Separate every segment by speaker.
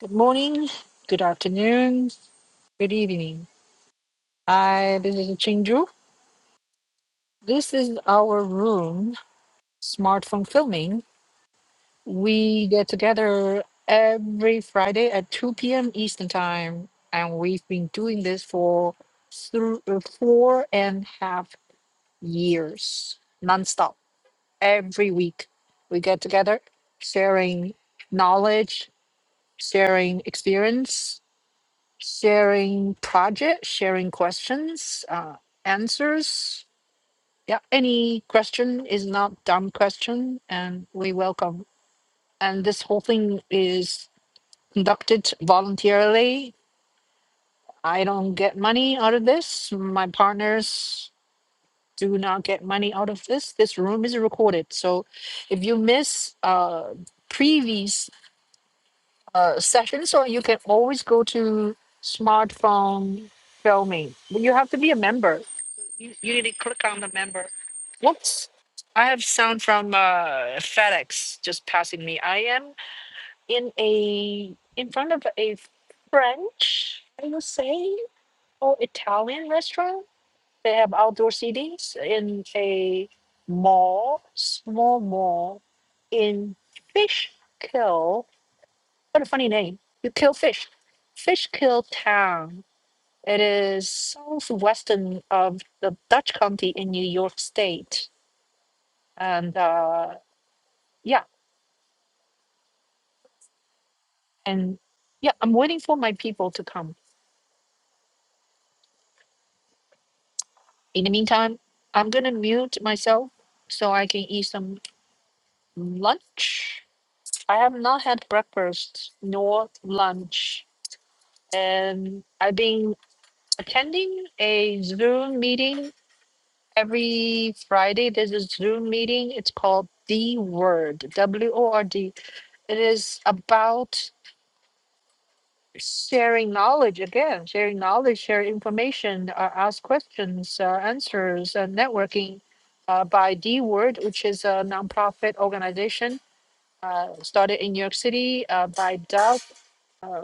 Speaker 1: Good morning, good afternoon, good evening. I this is Chinju. This is our room, smartphone filming. We get together every Friday at 2 p.m. Eastern time, and we've been doing this for through uh, four and a half years, nonstop. Every week, we get together, sharing knowledge, sharing experience, sharing project, sharing questions, uh, answers. Yeah, any question is not dumb question, and we welcome. And this whole thing is conducted voluntarily. I don't get money out of this. My partners do not get money out of this. This room is recorded, so if you miss uh, previous uh, sessions, or you can always go to smartphone filming. But You have to be a member. You, you need to click on the member. Whoops. I have sound from uh, FedEx just passing me. I am in a in front of a French, I would say, or Italian restaurant. They have outdoor CDs in a mall, small mall in Fishkill, what a funny name. You kill fish. Fish Kill Town. It is southwestern of the Dutch county in New York State. And uh, yeah, and yeah, I'm waiting for my people to come. In the meantime, I'm gonna mute myself so I can eat some lunch. I have not had breakfast nor lunch, and I've been attending a Zoom meeting Every Friday, there's a Zoom meeting. It's called The Word, W O R D. It is about sharing knowledge again, sharing knowledge, sharing information, uh, ask questions, uh, answers, and networking uh, by The Word, which is a nonprofit organization uh, started in New York City uh, by Doug. Uh,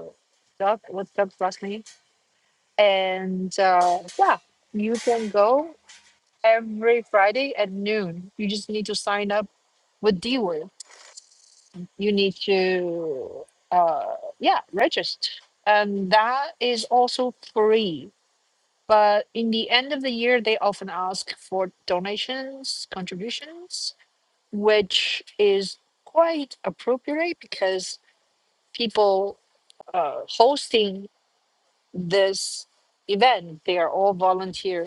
Speaker 1: Doug, what's Doug's last name? And uh, yeah, you can go every Friday at noon. You just need to sign up with dealer you need to uh yeah register and that is also free but in the end of the year they often ask for donations contributions which is quite appropriate because people uh, hosting this event they are all volunteer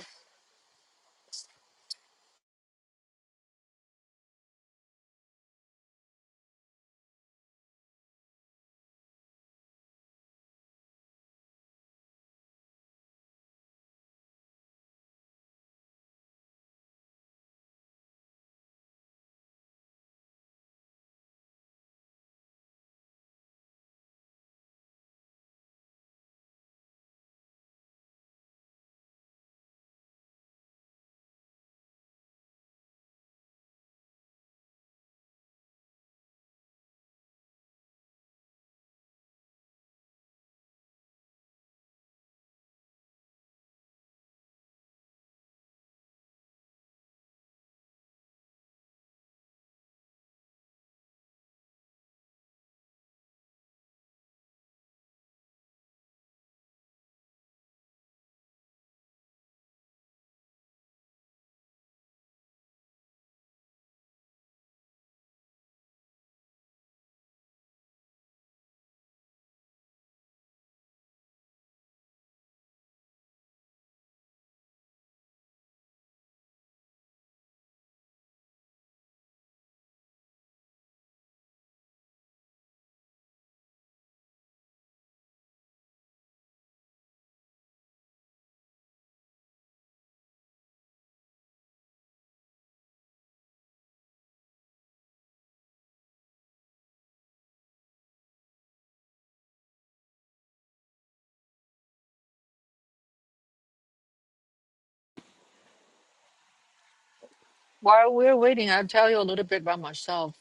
Speaker 1: while we're waiting i'll tell you a little bit about myself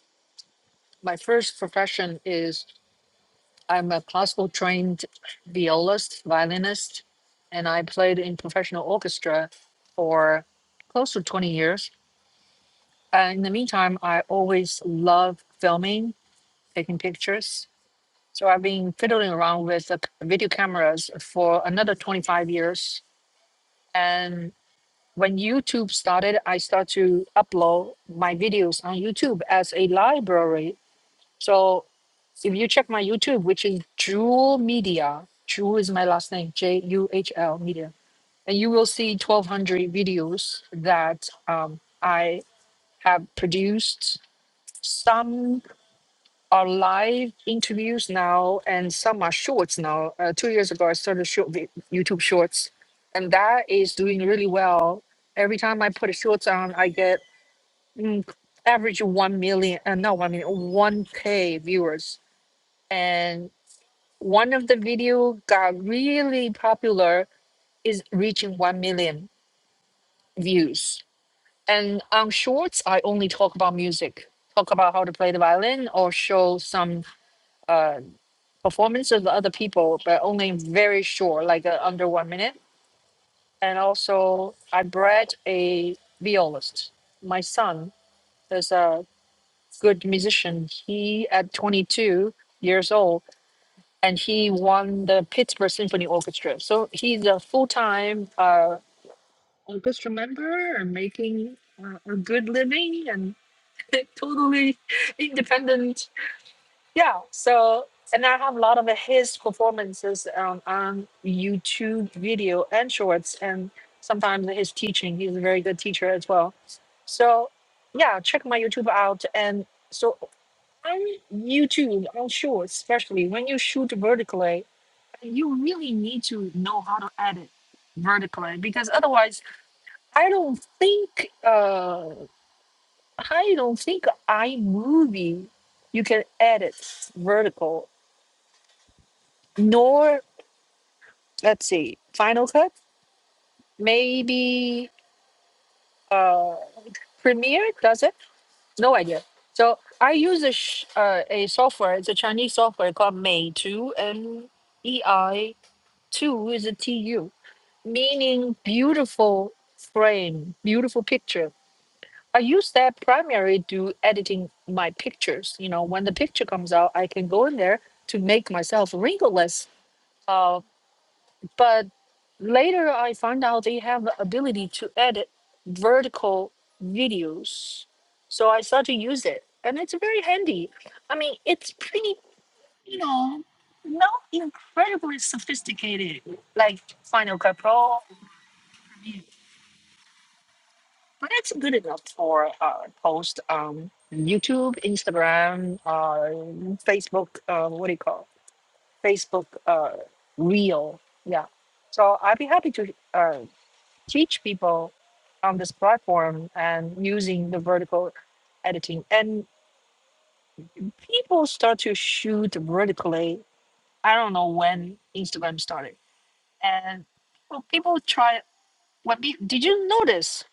Speaker 1: my first profession is I'm a classical trained violist, violinist, and I played in professional orchestra for close to 20 years. Uh, in the meantime, I always love filming, taking pictures. So I've been fiddling around with uh, video cameras for another 25 years. And when YouTube started, I started to upload my videos on YouTube as a library So if you check my YouTube, which is Jewel Media, Jewel is my last name, J U H L Media, and you will see 1,200 videos that um, I have produced. Some are live interviews now, and some are shorts now. Uh, two years ago, I started short vi- YouTube shorts, and that is doing really well. Every time I put a shorts on, I get mm, average 1 million, uh, not 1 million, 1K viewers. And one of the video got really popular is reaching 1 million views and on shorts i only talk about music talk about how to play the violin or show some uh, performance of the other people but only very short like uh, under one minute and also i bred a violist my son is a good musician he at 22 years old and he won the Pittsburgh Symphony Orchestra. So he's a full time uh, orchestra member and making uh, a good living and totally independent. Yeah. So and I have a lot of his performances on, on YouTube video and shorts, and sometimes his teaching. He's a very good teacher as well. So yeah, check my YouTube out. And so on YouTube, on shorts, especially when you shoot vertically you really need to know how to edit vertically because otherwise i don't think uh i don't think imovie you can edit vertical nor let's see final cut maybe uh premiere does it no idea so i use a, sh- uh, a software it's a chinese software called may 2 and ei 2 is a T U. meaning beautiful frame, beautiful picture. I use that primarily to editing my pictures. You know, when the picture comes out, I can go in there to make myself wrinkleless. Uh, but later I find out they have the ability to edit vertical videos. So I start to use it and it's very handy. I mean, it's pretty, you know, not incredibly sophisticated like Final Cut Pro But that's good enough for uh, post on YouTube, Instagram, uh, Facebook. Uh, what do you call Facebook uh, Reel? Yeah. So I'd be happy to uh, teach people on this platform and using the vertical editing. And people start to shoot vertically. I don't know when Instagram started, and well, people try. When pe- did you notice?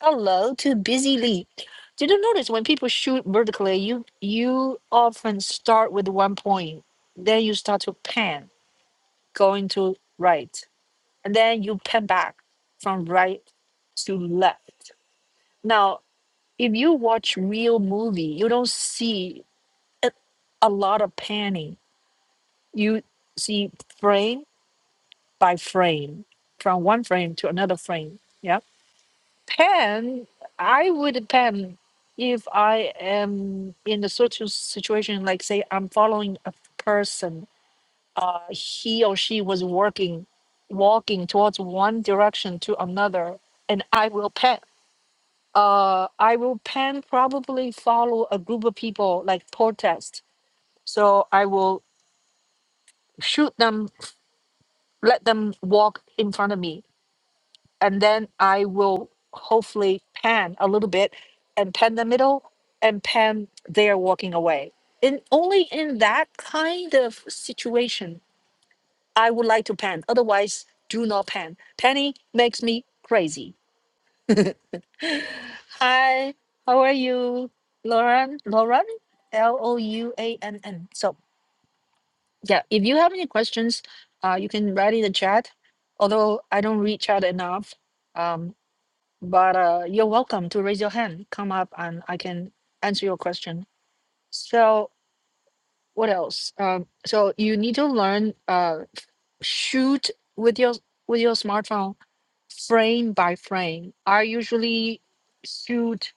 Speaker 1: Hello to Busy Lee. Did you notice when people shoot vertically, you you often start with one point, then you start to pan, going to right, and then you pan back from right to left. Now, if you watch real movie, you don't see a, a lot of panning. You see frame by frame, from one frame to another frame. Yeah pen i would pen if i am in a certain situation like say i'm following a person uh he or she was working walking towards one direction to another and i will pen uh i will pen probably follow a group of people like protest so i will shoot them let them walk in front of me and then I will hopefully pan a little bit and pan the middle and pan there walking away. And only in that kind of situation I would like to pan. Otherwise, do not pan. Panning makes me crazy. Hi, how are you? Lauren, Lauren, L O U A N N. So, yeah, if you have any questions, uh, you can write in the chat. Although I don't read chat enough, Um, but uh, you're welcome to raise your hand, come up, and I can answer your question. So, what else? Um, so you need to learn uh, shoot with your with your smartphone frame by frame. I usually shoot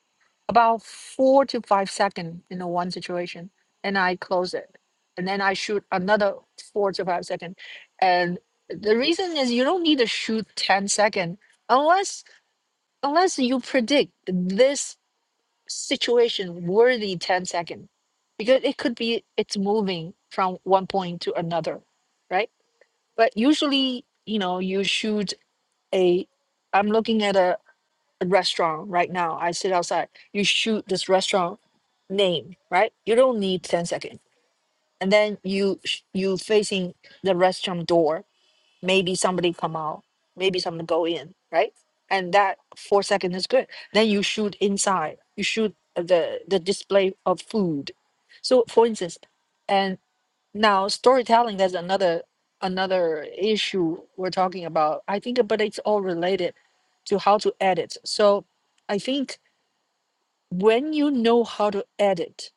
Speaker 1: about four to five seconds in a one situation, and I close it, and then I shoot another four to five seconds. And the reason is you don't need to shoot 10 second unless unless you predict this situation worthy 10 second, because it could be it's moving from one point to another right but usually you know you shoot a i'm looking at a, a restaurant right now i sit outside you shoot this restaurant name right you don't need 10 second, and then you sh- you facing the restaurant door maybe somebody come out, maybe somebody go in, right? And that four second is good. Then you shoot inside. You shoot the the display of food. So for instance, and now storytelling. That's another another issue we're talking about. I think, but it's all related to how to edit. So I think when you know how to edit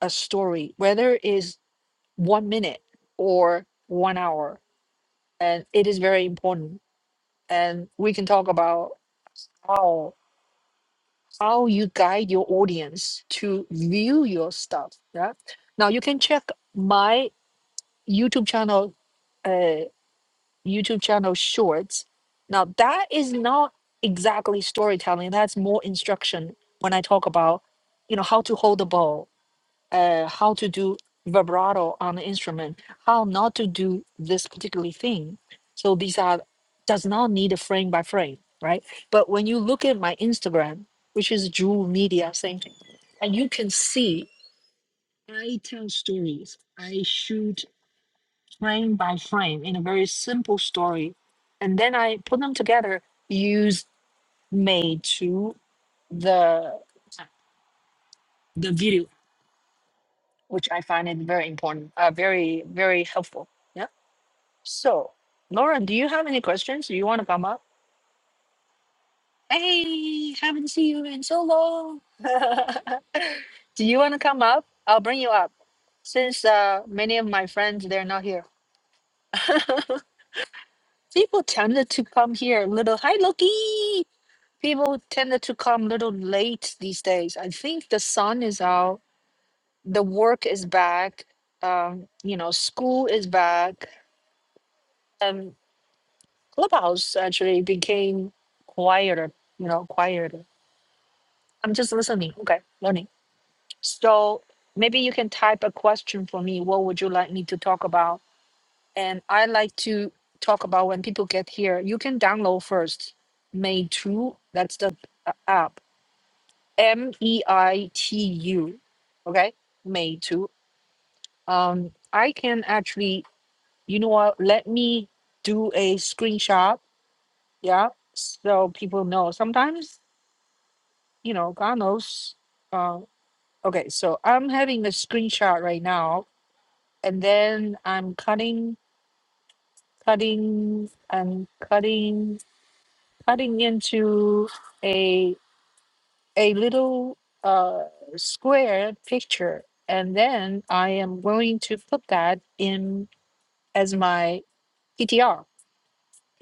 Speaker 1: a story, whether it is one minute or one hour, and it is very important and we can talk about how how you guide your audience to view your stuff Yeah. now you can check my youtube channel uh youtube channel shorts now that is not exactly storytelling that's more instruction when i talk about you know how to hold the ball uh, how to do vibrato on the instrument, how not to do this particular thing. So these are does not need a frame by frame, right? But when you look at my Instagram, which is Jewel Media, same thing, and you can see I tell stories. I shoot frame by frame in a very simple story, and then I put them together, use made to the the video, which I find it very important, uh, very very helpful. Yeah. So, Lauren, do you have any questions? Do you want to come up? Hey, haven't seen you in so long. do you want to come up? I'll bring you up since uh, many of my friends they're not here. People tended to come here a little. Hi, Loki. People tended to come a little late these days. I think the sun is out. The work is back. Um, you know, school is back. Clubhouse actually became quieter, you know, quieter. I'm just listening. Okay, learning. So maybe you can type a question for me. What would you like me to talk about? And I like to talk about when people get here. You can download first. Meitu, That's the uh, app. M E I T U. Okay, Meitu. Um, I can actually. You know what? Let me do a screenshot. Yeah, so people know. Sometimes you know, God knows. Uh, okay, so I'm having a screenshot right now, and then I'm cutting, cutting, and cutting, cutting into a a little uh, square picture, and then I am going to put that in as my PTR.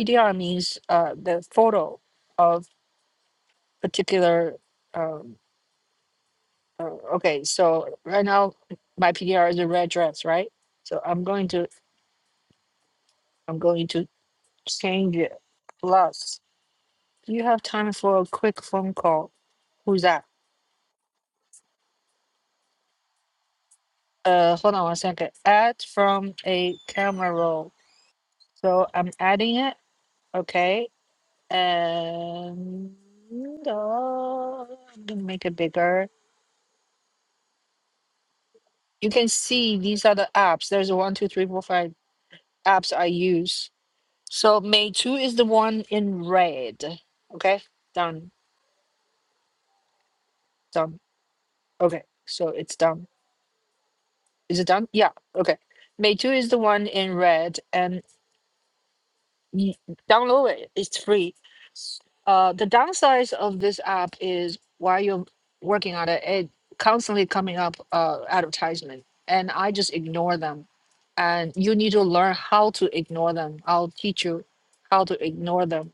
Speaker 1: PTR means uh, the photo of particular. um, Oh, Okay, so right now my PDR is a red dress, right? So I'm going to I'm going to change it. Plus, do you have time for a quick phone call? Who's that? Uh, hold on one second. Add from a camera roll. So I'm adding it. Okay, and uh, I'm gonna make it bigger. You can see these are the apps. There's one, two, three, four, five apps I use So May 2 is the one in red. Okay, done, done. Okay, so it's done. Is it done? Yeah, okay. May 2 is the one in red, and. you download it it's free uh the downsides of this app is while you're working on it it constantly coming up uh advertisement and i just ignore them and you need to learn how to ignore them i'll teach you how to ignore them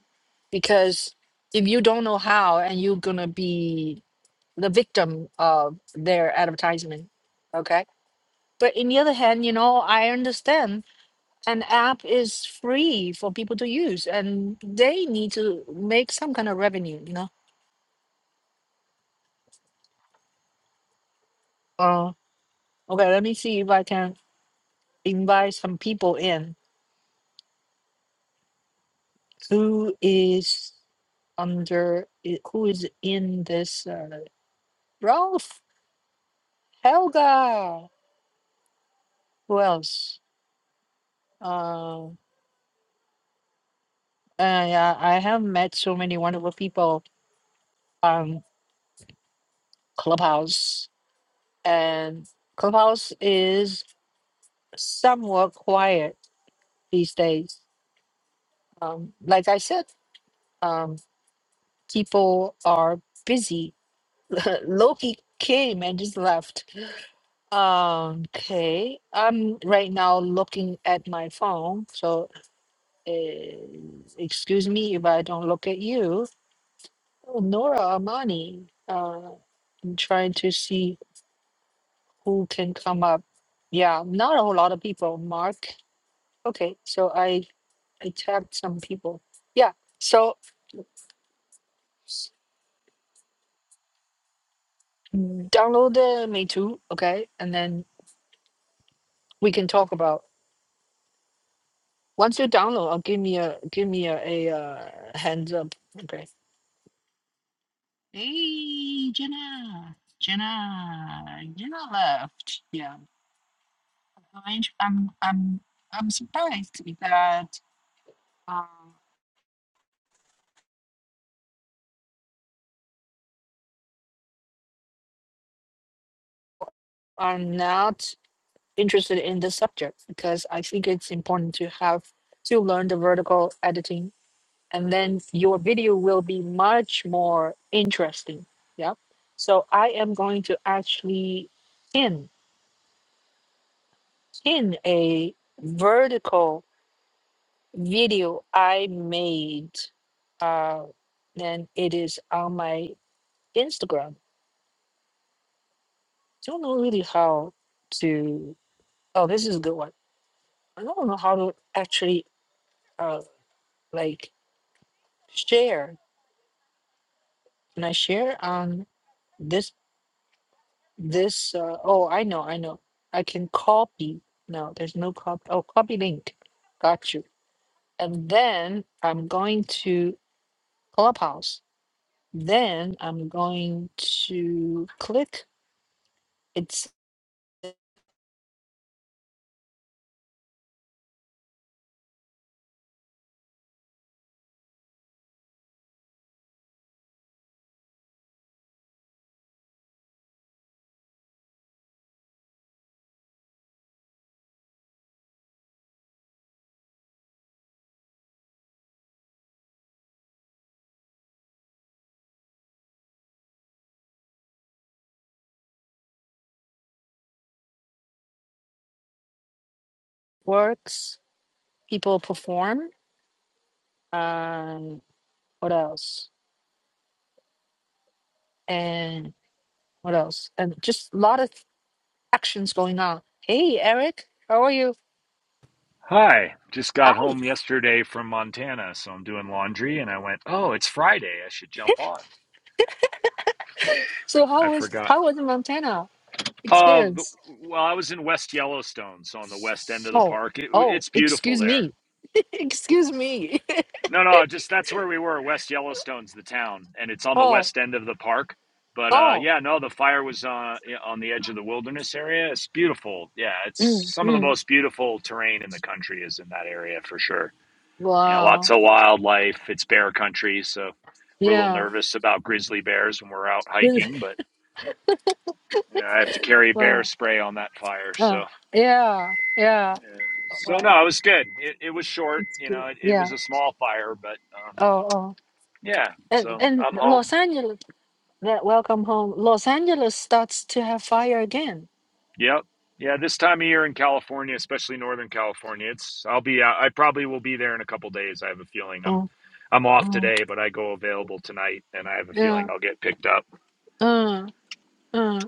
Speaker 1: because if you don't know how and you're gonna be the victim of their advertisement okay but in the other hand you know i understand an app is free for people to use and they need to make some kind of revenue you know uh okay let me see if i can invite some people in who is under i- who is in this uh, Ralph Helga who else uh, uh yeah I have met so many wonderful people on Clubhouse and Clubhouse is somewhat quiet these days um, like I said, um, people are busy. Loki came and just left. Um, okay, I'm right now looking at my phone, so uh, excuse me if I don't look at you. Oh, Nora Armani, uh, I'm trying to see who can come up. Yeah, not a whole lot of people. Mark. Okay, so I I tagged some people. Yeah, so Download the me too, okay? And then we can talk about once you download, I'll give me a give me a, a uh, hands up. Okay. Hey Jenna. Jenna. Jenna left. Yeah. I'm I'm I'm, I'm surprised that um, I'm not interested in this subject because I think it's important to have to learn the vertical editing and then your video will be much more interesting. Yeah. So I am going to actually pin pin a vertical video I made. Uh, and it is on my Instagram. Don't know really how to. Oh, this is a good one. I don't know how to actually uh like share. Can I share on this? This, uh, oh, I know, I know. I can copy. No, there's no copy. Oh, copy link. Got you. And then I'm going to Clubhouse. Then I'm going to click. It's works. People perform. Um, what else? And what else? And just a lot of actions going on. Hey, Eric, how are you?
Speaker 2: Hi, just got
Speaker 1: Hi.
Speaker 2: home yesterday from Montana, so I'm doing laundry and I went, "Oh, it's Friday. I should jump on."
Speaker 1: So
Speaker 2: I
Speaker 1: how was
Speaker 2: forgot.
Speaker 1: how was the Montana
Speaker 2: Oh, the,
Speaker 1: experience?
Speaker 2: well, I was in West Yellowstone, so on the west end of the
Speaker 1: Oh,
Speaker 2: park. It,
Speaker 1: oh,
Speaker 2: it's beautiful
Speaker 1: excuse
Speaker 2: there.
Speaker 1: me. Excuse me.
Speaker 2: No, no, just that's where we were. West Yellowstone's the town, and it's on the
Speaker 1: Oh,
Speaker 2: west end of the park. But uh,
Speaker 1: oh.
Speaker 2: yeah, no, the fire was on on the edge of the wilderness area. It's beautiful. Yeah, it's
Speaker 1: Mm,
Speaker 2: some of the
Speaker 1: mm.
Speaker 2: most beautiful terrain in the country is in that area for sure. you know, lots
Speaker 1: Wow.
Speaker 2: of wildlife. It's bear country, so we're a little
Speaker 1: Yeah.
Speaker 2: nervous about grizzly bears when we're out
Speaker 1: Good.
Speaker 2: hiking. But yeah, I have to carry bear
Speaker 1: Wow.
Speaker 2: spray on that fire.
Speaker 1: Uh,
Speaker 2: So,
Speaker 1: yeah. Yeah.
Speaker 2: yeah. so no,
Speaker 1: Wow.
Speaker 2: it was good. It, it was short.
Speaker 1: It's
Speaker 2: You
Speaker 1: good.
Speaker 2: know, it, it
Speaker 1: Yeah.
Speaker 2: was a small fire, but um,
Speaker 1: Oh, oh.
Speaker 2: yeah.
Speaker 1: And
Speaker 2: So
Speaker 1: and
Speaker 2: I'm home.
Speaker 1: Los Angeles, that welcome home. Los Angeles starts to have fire again.
Speaker 2: Yep. Yeah, this time of year in California, especially Northern California, it's I'll be out. I probably will be there in a couple days. I have a feeling I'm
Speaker 1: Oh,
Speaker 2: I'm off
Speaker 1: oh.
Speaker 2: today, but I go available tonight, and I have a
Speaker 1: Yeah.
Speaker 2: feeling I'll get picked up.
Speaker 1: Uh, uh.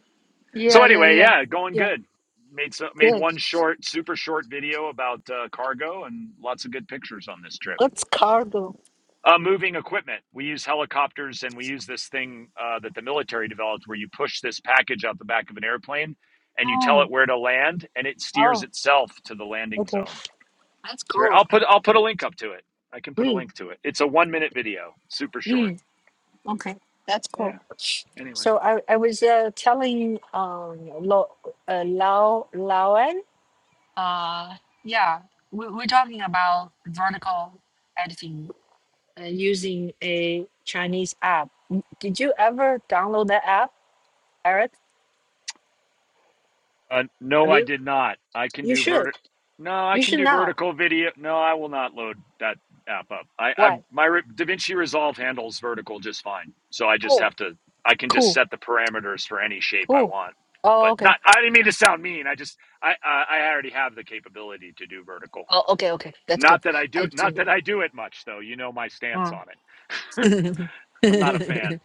Speaker 2: So
Speaker 1: Yeah, yeah,
Speaker 2: anyway,
Speaker 1: yeah.
Speaker 2: yeah, going
Speaker 1: Yeah.
Speaker 2: good. Made so, made
Speaker 1: Good.
Speaker 2: one short, super short video about uh, cargo and lots of good pictures on this trip.
Speaker 1: It's cargo.
Speaker 2: Uh, moving equipment. We use helicopters and we use this thing uh, that the military developed where you push this package out the back of an airplane and you tell it
Speaker 1: Oh,
Speaker 2: where to land and it steers
Speaker 1: oh.
Speaker 2: itself to the landing
Speaker 1: Okay.
Speaker 2: zone.
Speaker 1: That's
Speaker 2: It's very,
Speaker 1: cool.
Speaker 2: I'll put I'll put a link up to it. I can put a
Speaker 1: Oui.
Speaker 2: link to it. It's a one minute video, super short.
Speaker 1: Mm, okay, that's cool.
Speaker 2: Yeah. Anyway.
Speaker 1: So I, I was uh, telling um Lo, uh, Lau Lauren uh yeah we we're talking about vertical editing uh, using a Chinese app. M- Did you ever download that app, Eric?
Speaker 2: Uh, no,
Speaker 1: Have
Speaker 2: I
Speaker 1: you?
Speaker 2: did not. I can
Speaker 1: You
Speaker 2: do
Speaker 1: should.
Speaker 2: verti. No, I
Speaker 1: You
Speaker 2: can
Speaker 1: should
Speaker 2: do
Speaker 1: now.
Speaker 2: vertical video. No, I will not load that app up. I, I
Speaker 1: Why?
Speaker 2: my Re- DaVinci Resolve handles vertical just fine. So I just
Speaker 1: Oh,
Speaker 2: have to. I can just
Speaker 1: cool,
Speaker 2: set the parameters for any shape I
Speaker 1: cool.
Speaker 2: want.
Speaker 1: Oh,
Speaker 2: But not.
Speaker 1: okay.
Speaker 2: I didn't mean to sound mean. I just. I I, I already have the capability to do vertical.
Speaker 1: Oh, okay, okay. That's good.
Speaker 2: Not that I
Speaker 1: I
Speaker 2: do. Not
Speaker 1: do.
Speaker 2: that I do it much though. You know my stance on it.
Speaker 1: Mm.
Speaker 2: I'm not a fan.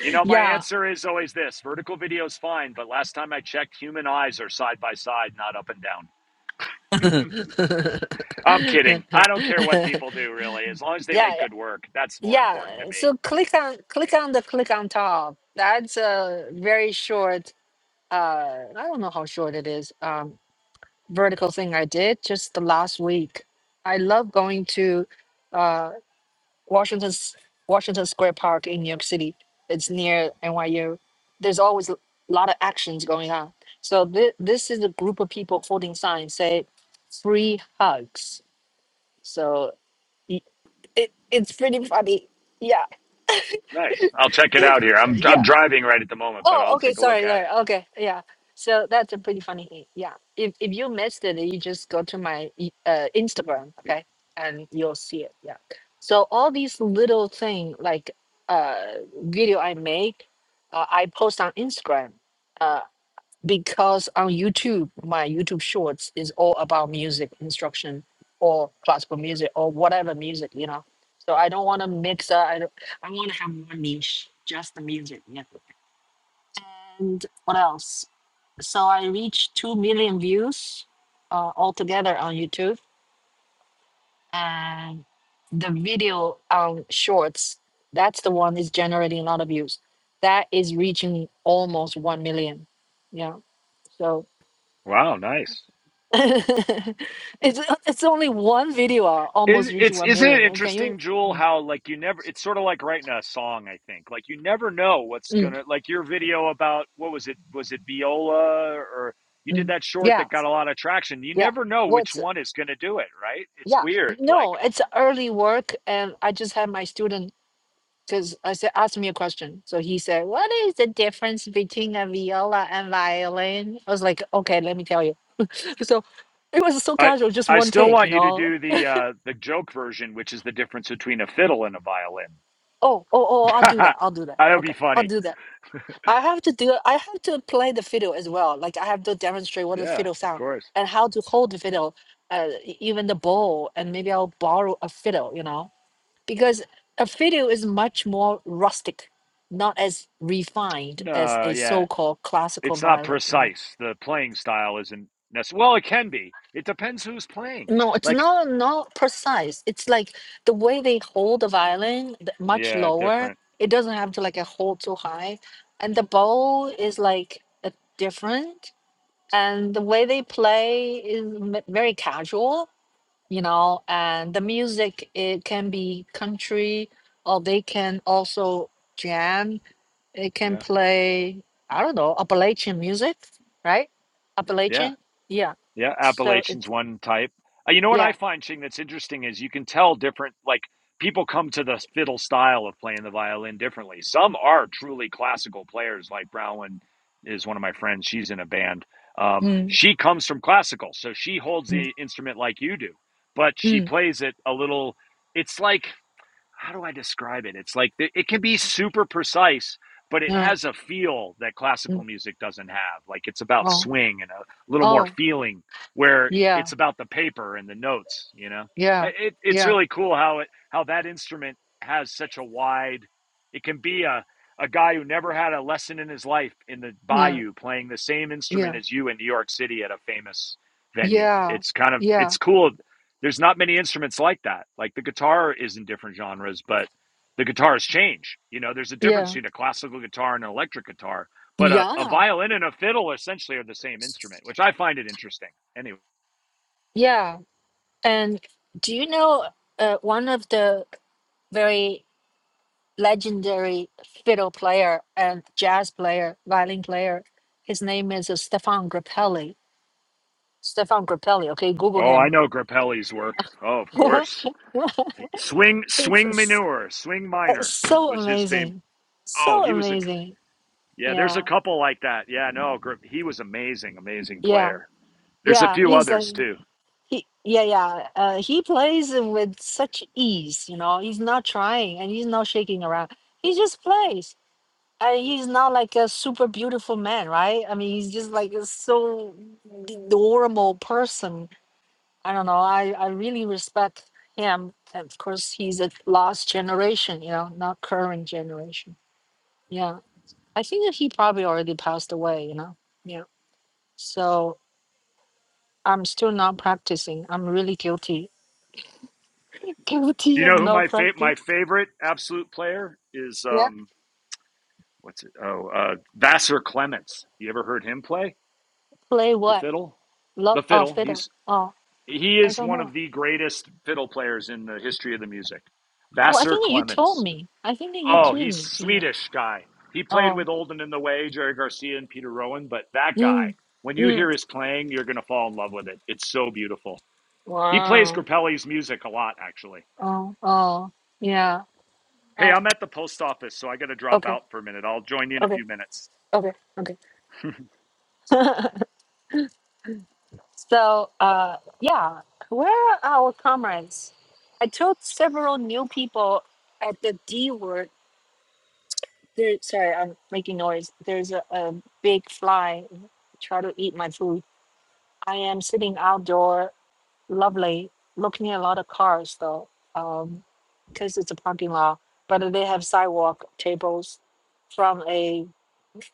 Speaker 2: You know, my
Speaker 1: yeah,
Speaker 2: answer is always this vertical video is fine, but last time I checked, human eyes are side by side, not up and down. I'm
Speaker 1: yeah
Speaker 2: kidding. I don't care what people do, really, as long as they make
Speaker 1: yeah
Speaker 2: good work. That's more important to
Speaker 1: yeah.
Speaker 2: me.
Speaker 1: so click on click on the click on top that's a very short uh i don't know how short it is um vertical thing i did just the last week i love going to uh washington S- washington square park in new york city it's near nyu there's always a lot of actions going on so thi- this is a group of people holding signs say free hugs so Y- It, it's pretty funny. Yeah,
Speaker 2: Nice. I'll check it out here. I'm I'm
Speaker 1: yeah.
Speaker 2: driving right at the moment, but
Speaker 1: Oh,
Speaker 2: I'll
Speaker 1: okay.
Speaker 2: take a look
Speaker 1: Sorry,
Speaker 2: at it.
Speaker 1: sorry. Okay, yeah. So that's a pretty funny thing. Yeah. If if you missed it, you just go to my i- uh, Instagram, okay, and you'll see it. Yeah. So all these little thing like uh video I make, uh, I post on Instagram. uh, because on YouTube, my YouTube Shorts is all about music instruction or classical music or whatever music, you know. So I don't want to mix up. I, don't, I want to have one niche, just the music. Yeah. And what else? So I reached 2 million views uh, altogether on YouTube. And the video on Shorts, that's the one is generating a lot of views. That is reaching almost 1 million. Yeah. So.
Speaker 2: Wow, nice.
Speaker 1: it's uh, it's only one video uh,
Speaker 2: Is
Speaker 1: almost reached
Speaker 2: it's
Speaker 1: one
Speaker 2: isn't it
Speaker 1: million. And Can
Speaker 2: interesting,
Speaker 1: you?
Speaker 2: Jewel?
Speaker 1: Mm,
Speaker 2: How like you never? It's sort of like writing a song. I think like you never know what's
Speaker 1: mm,
Speaker 2: gonna like your video about what was it? Was it Viola or you did
Speaker 1: mm.
Speaker 2: that short
Speaker 1: Yeah,
Speaker 2: that got a lot of traction? You
Speaker 1: yeah.
Speaker 2: never know which
Speaker 1: What's
Speaker 2: one is gonna do it, right? It's
Speaker 1: yeah?
Speaker 2: weird. Like
Speaker 1: No, it's early work, and I just had my student because I said ask me a question. So he said, "What is the difference between a viola and violin?" I was like, "Okay, let me tell you." So it was so
Speaker 2: I
Speaker 1: casual, just
Speaker 2: I
Speaker 1: one
Speaker 2: still
Speaker 1: take, you
Speaker 2: want you to
Speaker 1: know.
Speaker 2: do the uh, the joke version, which is the difference between a fiddle and a violin.
Speaker 1: Oh, oh, oh! I'll do
Speaker 2: that
Speaker 1: that. I'll do that.
Speaker 2: would be
Speaker 1: Okay, I'll
Speaker 2: funny.
Speaker 1: do that. I have to do I have to play the fiddle as well. Like I have to demonstrate what the
Speaker 2: Yeah,
Speaker 1: fiddle
Speaker 2: of
Speaker 1: sound
Speaker 2: course.
Speaker 1: and how to hold the fiddle, uh, e- even the bowl, and maybe I'll borrow a fiddle, you know, because a fiddle is much more rustic, not as refined as
Speaker 2: No,
Speaker 1: a
Speaker 2: yeah,
Speaker 1: so-called classical
Speaker 2: it's not
Speaker 1: violin, you know.
Speaker 2: precise. The playing style isn't necessary. Well, it can be. It depends who's playing.
Speaker 1: No, it's
Speaker 2: Like,
Speaker 1: not not precise. It's like the way they hold the violin th- much
Speaker 2: yeah,
Speaker 1: lower.
Speaker 2: different.
Speaker 1: It doesn't have to like a hold too high, and the bow is like a different. and the way they play is m- very casual you know and the music it can be country or they can also jam They can
Speaker 2: Yeah,
Speaker 1: play i don't know appalachian music right
Speaker 2: yeah.
Speaker 1: appalachian yeah
Speaker 2: Yeah,
Speaker 1: so
Speaker 2: Appalachian's
Speaker 1: it's
Speaker 2: one type. Uh, you know what I
Speaker 1: yeah
Speaker 2: find, Ching, that's interesting is you can tell different, like, people come to the fiddle style of playing the violin differently. Some are truly classical players, like Browen is one of my friends. She's in a band. Um,
Speaker 1: mm,
Speaker 2: she comes from classical, so she holds
Speaker 1: mm,
Speaker 2: the instrument like you do, but she
Speaker 1: mm,
Speaker 2: plays it a little. It's like how do I describe it? It's like it can be super precise, but it
Speaker 1: mm,
Speaker 2: has a feel that classical
Speaker 1: mm.
Speaker 2: music doesn't have. Like it's about
Speaker 1: oh
Speaker 2: swing and a little more
Speaker 1: oh
Speaker 2: feeling, where
Speaker 1: yeah
Speaker 2: it's about the paper and the notes. You know,
Speaker 1: yeah
Speaker 2: it, it's
Speaker 1: yeah
Speaker 2: really cool how it how that instrument has such a wide. It can be a a guy who never had a lesson in his life in the
Speaker 1: yeah
Speaker 2: bayou playing the same
Speaker 1: yeah
Speaker 2: instrument as you in New York City at a famous venue.
Speaker 1: yeah
Speaker 2: It's kind of
Speaker 1: yeah
Speaker 2: it's cool there's not many instruments like that. Like the guitar is in different genres, but the guitars change. You know, there's a difference
Speaker 1: yeah
Speaker 2: between a classical guitar and an electric guitar, but a, a
Speaker 1: yeah
Speaker 2: violin and a fiddle essentially are the same instrument, which I find it interesting. Anyway.
Speaker 1: yeah, And do you know uh, one of the very legendary fiddle player and jazz player, violin player? His name is uh, Stefan Grappelli. Stefan Grappelli. Okay, Google
Speaker 2: Oh, I
Speaker 1: him.
Speaker 2: know Grappelli's work. Oh, of course. Swing,
Speaker 1: it's
Speaker 2: swing
Speaker 1: s-
Speaker 2: manure, swing
Speaker 1: uh,
Speaker 2: minor
Speaker 1: so
Speaker 2: was his fame.
Speaker 1: amazing,
Speaker 2: Oh,
Speaker 1: so
Speaker 2: he was a
Speaker 1: amazing.
Speaker 2: yeah. There's a
Speaker 1: Yeah,
Speaker 2: couple like that. Yeah, no, he was amazing, amazing
Speaker 1: yeah,
Speaker 2: player. There's a
Speaker 1: yeah.
Speaker 2: few
Speaker 1: He's like
Speaker 2: others too.
Speaker 1: he, yeah, yeah. Uh, he plays with such ease. You know, he's not trying and he's not shaking around. He just plays And he's not like a super beautiful man, right? I mean, he's just like a so adorable person. I don't know. I, I really respect him. And of course, he's a lost generation, you know, not current generation. Yeah. I think that he probably already passed away, you know? Yeah. So I'm still not practicing. I'm really guilty. Guilty
Speaker 2: You know
Speaker 1: of
Speaker 2: who
Speaker 1: not
Speaker 2: my fa-
Speaker 1: practicing.
Speaker 2: my favorite absolute player is?
Speaker 1: Yeah.
Speaker 2: Um, what's it? Oh, uh, Vassar Clements. You ever heard him play
Speaker 1: Play
Speaker 2: the
Speaker 1: what?
Speaker 2: fiddle?
Speaker 1: Love,
Speaker 2: The
Speaker 1: oh,
Speaker 2: fiddle.
Speaker 1: fiddle.
Speaker 2: He's
Speaker 1: Oh,
Speaker 2: he
Speaker 1: I
Speaker 2: is
Speaker 1: don't
Speaker 2: one of
Speaker 1: know.
Speaker 2: the greatest fiddle players in the history of the music.
Speaker 1: Oh, I
Speaker 2: Vassar
Speaker 1: think that you told
Speaker 2: Clements.
Speaker 1: me. I think that you
Speaker 2: Oh,
Speaker 1: told
Speaker 2: he's
Speaker 1: me, you know.
Speaker 2: Swedish guy. He played
Speaker 1: Oh.
Speaker 2: with Olden in the Way, Jerry Garcia, and Peter Rowan. But that
Speaker 1: Mm.
Speaker 2: guy, when you
Speaker 1: Mm.
Speaker 2: hear his playing, you're gonna fall in love with it. It's so beautiful. He plays
Speaker 1: Wow.
Speaker 2: Grappelli's music a lot, actually.
Speaker 1: Oh, oh, yeah.
Speaker 2: Hey,
Speaker 1: Uh,
Speaker 2: I'm at the post office, so I got to drop
Speaker 1: okay,
Speaker 2: out for a minute. I'll join you in a
Speaker 1: okay,
Speaker 2: few minutes.
Speaker 1: okay, okay. So, uh, yeah, where are our comrades? I told several new people at the D word. There, sorry, I'm making noise. There's a, a big fly try to eat my food. I am sitting outdoor lovely. Looking at a lot of cars though, um, because it's a parking lot. But they have sidewalk tables from a,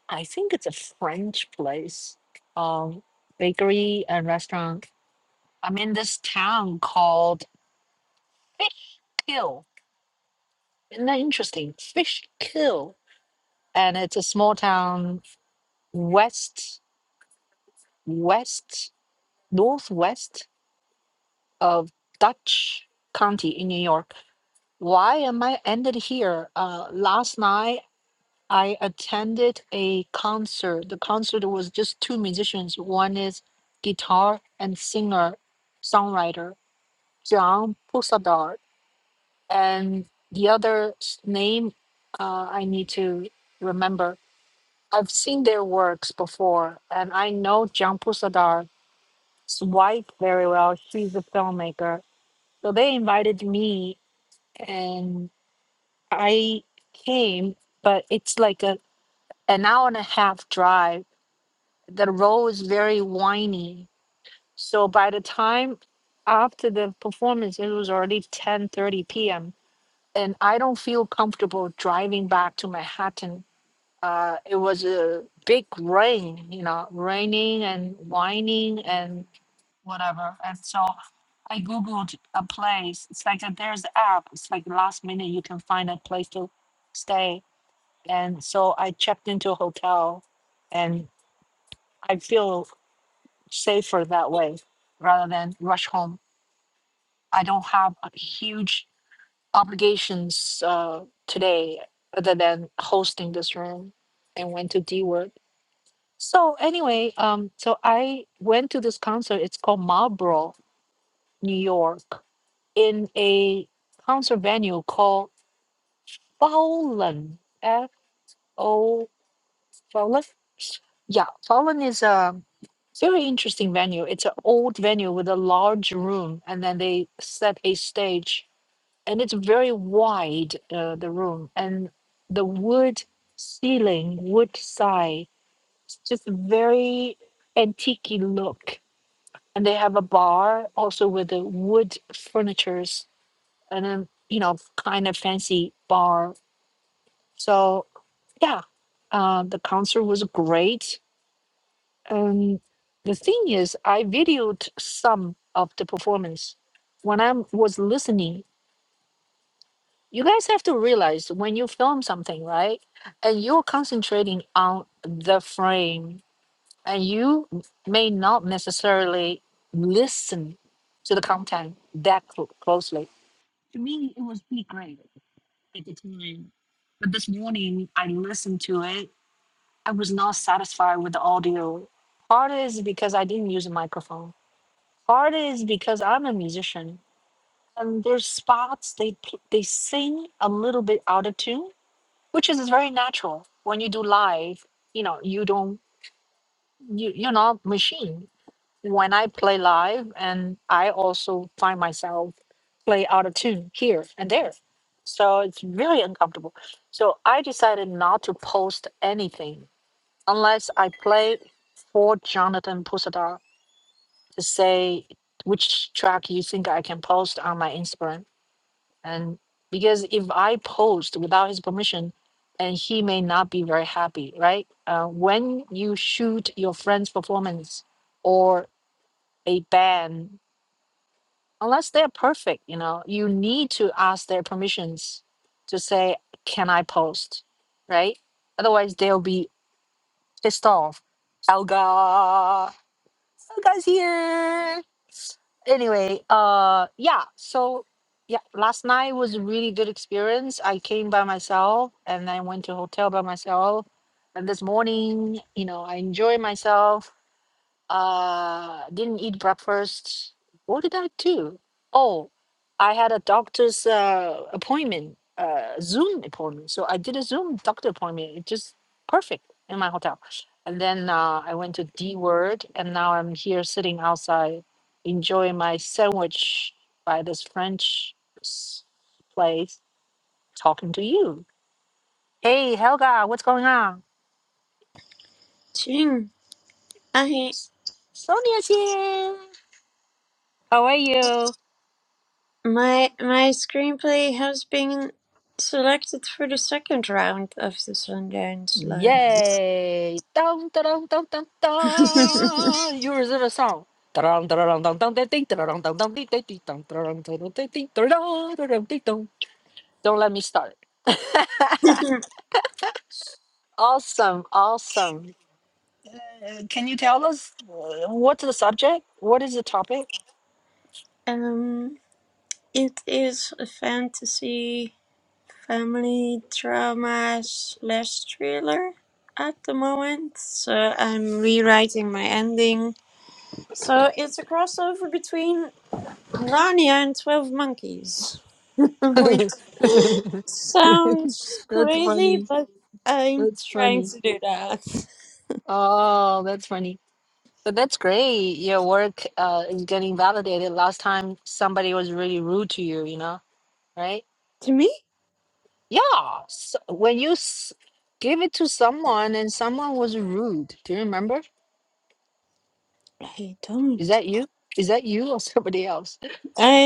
Speaker 1: I think it's a French place, um, bakery and restaurant. I'm in this town called Fishkill. Isn't that interesting? Fishkill, and it's a small town west, west, northwest of Dutch County in New York Why am I ended here? Uh, last night I attended a concert. The concert was just two musicians. One is guitar and singer, songwriter John Pusadar, and the other's name uh, I need to remember. I've seen their works before, and I know John Pusadar's wife very well. She's a filmmaker, so they invited me, and I came, but it's like a an hour and a half drive. The road is very windy. So by the time after the performance, it was already 10:30 p.m. and I don't feel comfortable driving back to Manhattan. Uh, it was a big rain, you know, raining and whining and whatever. And so I googled a place. It's like a, there's an app. It's like last minute you can find a place to stay and so I checked into a hotel and I feel safer that way rather than rush home. I don't have a huge obligations uh, today other than hosting this room and went to D Word. So anyway, um, so I went to this concert. It's called Marlboro, New York, in a concert venue called Fallon, F-O-L-L-O-N. Falun? Yeah, Falun is a very interesting venue. It's an old venue with a large room, and then they set a stage, and it's very wide, uh, the room, and the wood ceiling, wood side, it's just very antique look. And they have a bar also with the wood furnitures and then, you know, kind of fancy bar. So, yeah, uh, the concert was great Um, the thing is, I videoed some of the performance when I was listening. You guys have to realize when you film something, right? And you're concentrating on the frame, and you may not necessarily listen to the content that clo- closely. To me, it was really great at the time. But this morning, I listened to it. I was not satisfied with the audio. Part is because I didn't use a microphone Part is because I'm a musician, and there's spots they pl- they sing a little bit out of tune, which is very natural when you do live. You know, you don't you you're not machine. When I play live, and I also find myself play out of tune here and there, so it's really uncomfortable. So I decided not to post anything unless I play for Jonathan Pusada to say which track you think I can post on my Instagram. And because if I post without his permission, and he may not be very happy, right? Uh, when you shoot your friend's performance or a band, unless they're perfect, you know, you need to ask their permissions to say, can I post, right? Otherwise, they'll be pissed off. Helga, Helga's here. anyway, uh, yeah. So yeah, last night was a really good experience. I came by myself and I went to hotel by myself. And this morning, you know, I enjoy myself. Uh, didn't eat breakfast. What did I do? Oh, I had a doctor's uh, appointment, uh, Zoom appointment. So I did a Zoom doctor appointment. It just perfect in my hotel. And then uh, I went to D Word, and now I'm here sitting outside, enjoying my sandwich by this French s- place, talking to you. Hey, Helga, what's going on?
Speaker 3: Ching, I
Speaker 1: S- Sonia's here. How are you?
Speaker 3: my my screenplay has been selected for the second round of the Sundance Lab.
Speaker 1: Yay! Dum, da-dum, dum, dum, dum. Yours is a song. Da-dum, da-dum, dum, dum, dum, ding, da-dum, dum, dum, ding, ding, ding, dum, da-dum, da-dum, ding, ding, da-dum, da-dum, ding, dong. Don't let me start. Awesome, awesome. Uh, can you tell us uh, what's the subject? What is the topic?
Speaker 3: um, it is a fantasy family drama slash thriller at the moment, so I'm rewriting my ending. So it's a crossover between Narnia and Twelve Monkeys. which sounds
Speaker 1: that's
Speaker 3: crazy,
Speaker 1: funny.
Speaker 3: but I'm
Speaker 1: That's
Speaker 3: trying
Speaker 1: funny.
Speaker 3: to do that.
Speaker 1: Oh, that's funny. But that's great. Your work uh, is getting validated. Last time somebody was really rude to you, you know? right?
Speaker 3: To me,
Speaker 1: Yeah. So when you s- give it to someone and someone was rude, do you remember?
Speaker 3: I
Speaker 1: Is
Speaker 3: don't.
Speaker 1: that you? Is that you or somebody else?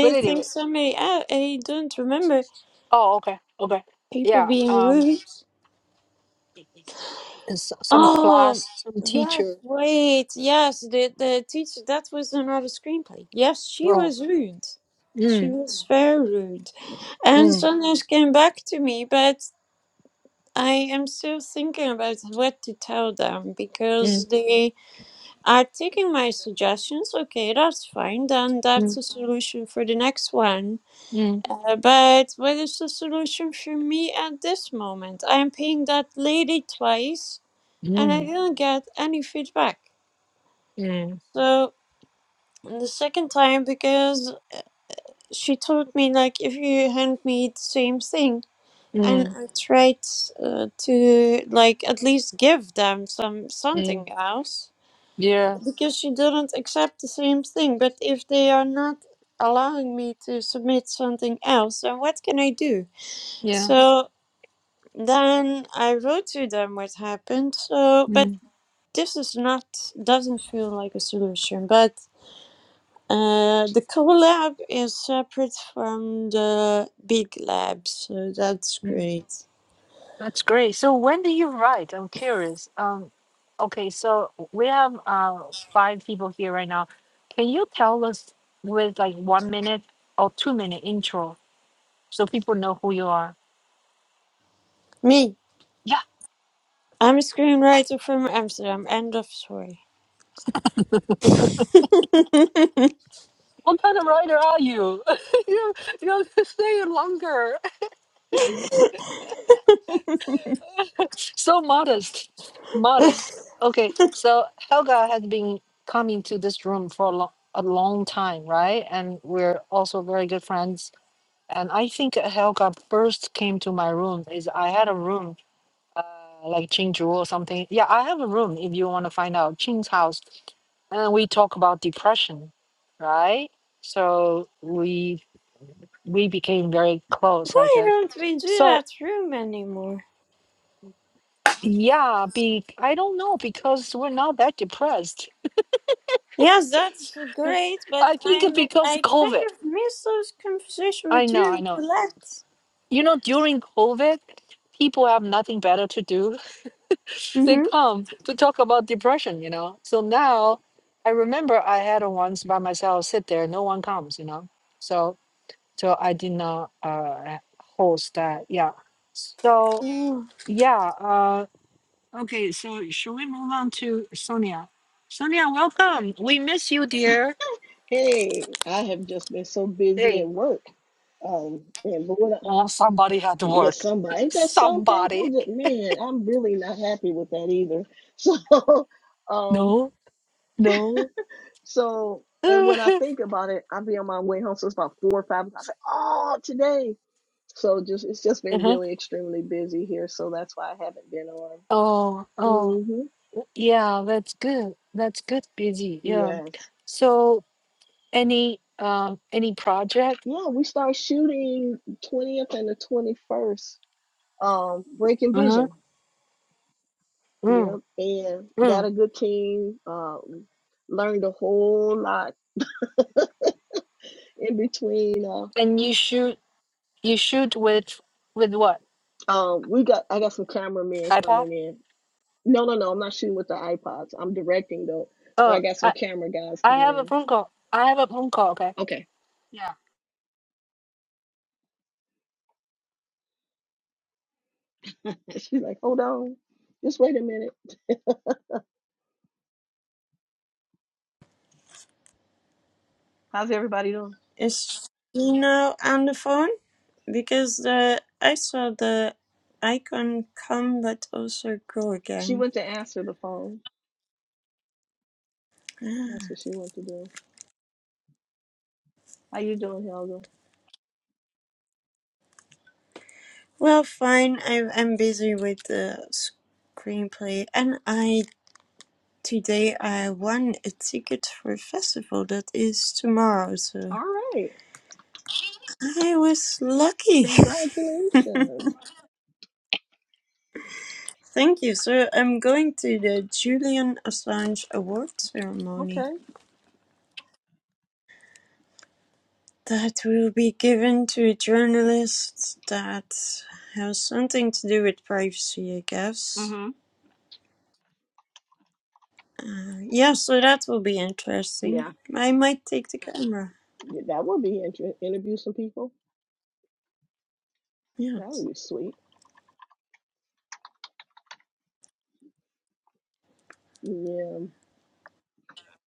Speaker 1: But
Speaker 3: think
Speaker 1: anyway,
Speaker 3: so. May I, I don't remember
Speaker 1: oh, okay, okay,
Speaker 3: people
Speaker 1: yeah.
Speaker 3: being
Speaker 1: Um,
Speaker 3: rude.
Speaker 1: and so- some
Speaker 3: Oh,
Speaker 1: class, some
Speaker 3: yes.
Speaker 1: teacher.
Speaker 3: Wait, yes. The the teacher that was another screenplay. Yes, she
Speaker 1: Oh,
Speaker 3: was rude. She
Speaker 1: mm,
Speaker 3: was very rude, and
Speaker 1: mm,
Speaker 3: sometimes came back to me, but I am still thinking about what to tell them
Speaker 1: mm,
Speaker 3: because they I've taken my suggestions. Okay, that's fine. Then that's
Speaker 1: mm,
Speaker 3: a solution for the next one.
Speaker 1: mm,
Speaker 3: Uh, but what is the solution for me at this moment? I'm paying that lady twice and I
Speaker 1: mm,
Speaker 3: didn't get any feedback.
Speaker 1: mm, mm,
Speaker 3: So the second time, because she told me, like, if you hand me the same thing, and
Speaker 1: mm.
Speaker 3: I tried uh, to, like, at least give them some
Speaker 1: mm,
Speaker 3: something else
Speaker 1: yeah,
Speaker 3: because she didn't accept the same thing. But if they are not allowing me to submit something else, then what can I do?
Speaker 1: yeah.
Speaker 3: So then I wrote to them what happened. So, but
Speaker 1: Mm,
Speaker 3: this is not doesn't feel like a solution. But uh, the collab is separate from the big lab, so that's
Speaker 1: mm.
Speaker 3: great.
Speaker 1: That's great. So when do you write? I'm curious. Um, okay, so we have uh five people here right now. Can you tell us with like one minute or two minute intro so people know who you are?
Speaker 3: Me,
Speaker 1: Yeah.
Speaker 3: I'm a screenwriter from Amsterdam. End of story.
Speaker 1: What kind of writer are you? you you're staying longer. So modest. Modest. Okay, so Helga has been coming to this room for a, long a long time, right? And we're also very good friends And I think Helga first came to my room is I had a room uh, like Chinju or something. Yeah, I have a room if you want to find out Chin's house, and we talk about depression, right? So we we became very close, I
Speaker 3: Why
Speaker 1: guess.
Speaker 3: don't we do
Speaker 1: So
Speaker 3: that room anymore?
Speaker 1: yeah, be I don't know because we're not that depressed.
Speaker 3: Yes, that's great, but
Speaker 1: I think it's
Speaker 3: I'm
Speaker 1: because
Speaker 3: I kind
Speaker 1: COVID.
Speaker 3: of miss those conversation
Speaker 1: I
Speaker 3: with you
Speaker 1: know, I
Speaker 3: and
Speaker 1: know.
Speaker 3: Colette.
Speaker 1: You know, during COVID, people have nothing better to do
Speaker 3: Mm-hmm.
Speaker 1: they come to talk about depression, you know. So now I remember I had once by myself sit there, no one comes, you know. So so I did not uh host that. Yeah. So
Speaker 3: Yeah.
Speaker 1: yeah, uh okay, so should we move on to Sonia? Sonia, welcome. We miss you, dear.
Speaker 4: Hey, I have just been so busy at
Speaker 1: Hey,
Speaker 4: work. Um, and Lord, I-
Speaker 1: oh somebody had to
Speaker 4: yes,
Speaker 1: work.
Speaker 4: somebody ain't that something?
Speaker 1: somebody.
Speaker 4: I'm just man, I'm really not happy with that either. So, um,
Speaker 1: No, no.
Speaker 4: so and when I
Speaker 1: uh-huh.
Speaker 4: think about it, I'll be on my way home. So it's about four or five. o'clock. I say, oh, today. So just it's just been really extremely busy here. So that's why I haven't been on.
Speaker 1: Oh, oh.
Speaker 4: Mm-hmm.
Speaker 1: Yeah, that's good. That's good, busy. Yeah.
Speaker 4: Yes.
Speaker 1: So any um any project?
Speaker 4: Yeah, we start shooting 20th and the 21st. Um, Breaking
Speaker 1: Uh-huh.
Speaker 4: Vision.
Speaker 1: Mm,
Speaker 4: Yep, and got
Speaker 1: mm.
Speaker 4: a good team. Um, learned a whole lot in between. Uh,
Speaker 1: And you shoot you shoot with with what?
Speaker 4: um, we got I got some cameramen
Speaker 1: iPad?
Speaker 4: coming in. No, no, no, I'm not shooting with the iPods. I'm directing though, but I
Speaker 1: Oh,
Speaker 4: got some
Speaker 1: I
Speaker 4: camera guys
Speaker 1: I
Speaker 4: coming
Speaker 1: have a
Speaker 4: in.
Speaker 1: phone call. I have a phone call, okay.
Speaker 4: Okay,
Speaker 1: Yeah.
Speaker 4: and she's like, hold on, just wait a minute. How's everybody doing?
Speaker 3: Is she now on the phone? Because the I saw the icon come but also go
Speaker 4: She
Speaker 3: again.
Speaker 4: went to answer the phone.
Speaker 3: Ah.
Speaker 4: That's what she went to do. How you doing, Helga?
Speaker 3: Well, fine. I, I'm busy with the screenplay, and I today I won a ticket for a festival that is tomorrow. So.
Speaker 4: All right.
Speaker 3: I was lucky.
Speaker 4: Congratulations.
Speaker 3: Thank you. So I'm going to the Julian Assange Award ceremony
Speaker 4: Okay.
Speaker 3: that will be given to a journalist that has something to do with privacy, I guess.
Speaker 4: Mm-hmm.
Speaker 3: Uh, yeah, so that will be interesting.
Speaker 4: Yeah,
Speaker 3: I might take the camera.
Speaker 4: that would be interesting. Interview some people. That
Speaker 3: Yes.
Speaker 4: would be sweet. Yeah,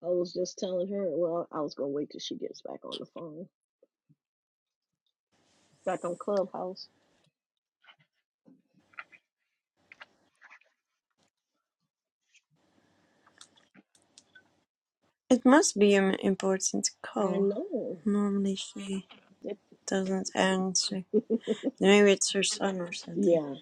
Speaker 4: I was just telling her. Well, I was gonna wait till she gets back on the phone, back on Clubhouse.
Speaker 3: It must be an important
Speaker 4: I
Speaker 3: call.
Speaker 4: know.
Speaker 3: Normally she
Speaker 4: It,
Speaker 3: doesn't answer. Maybe it's her son or something.
Speaker 4: yeah,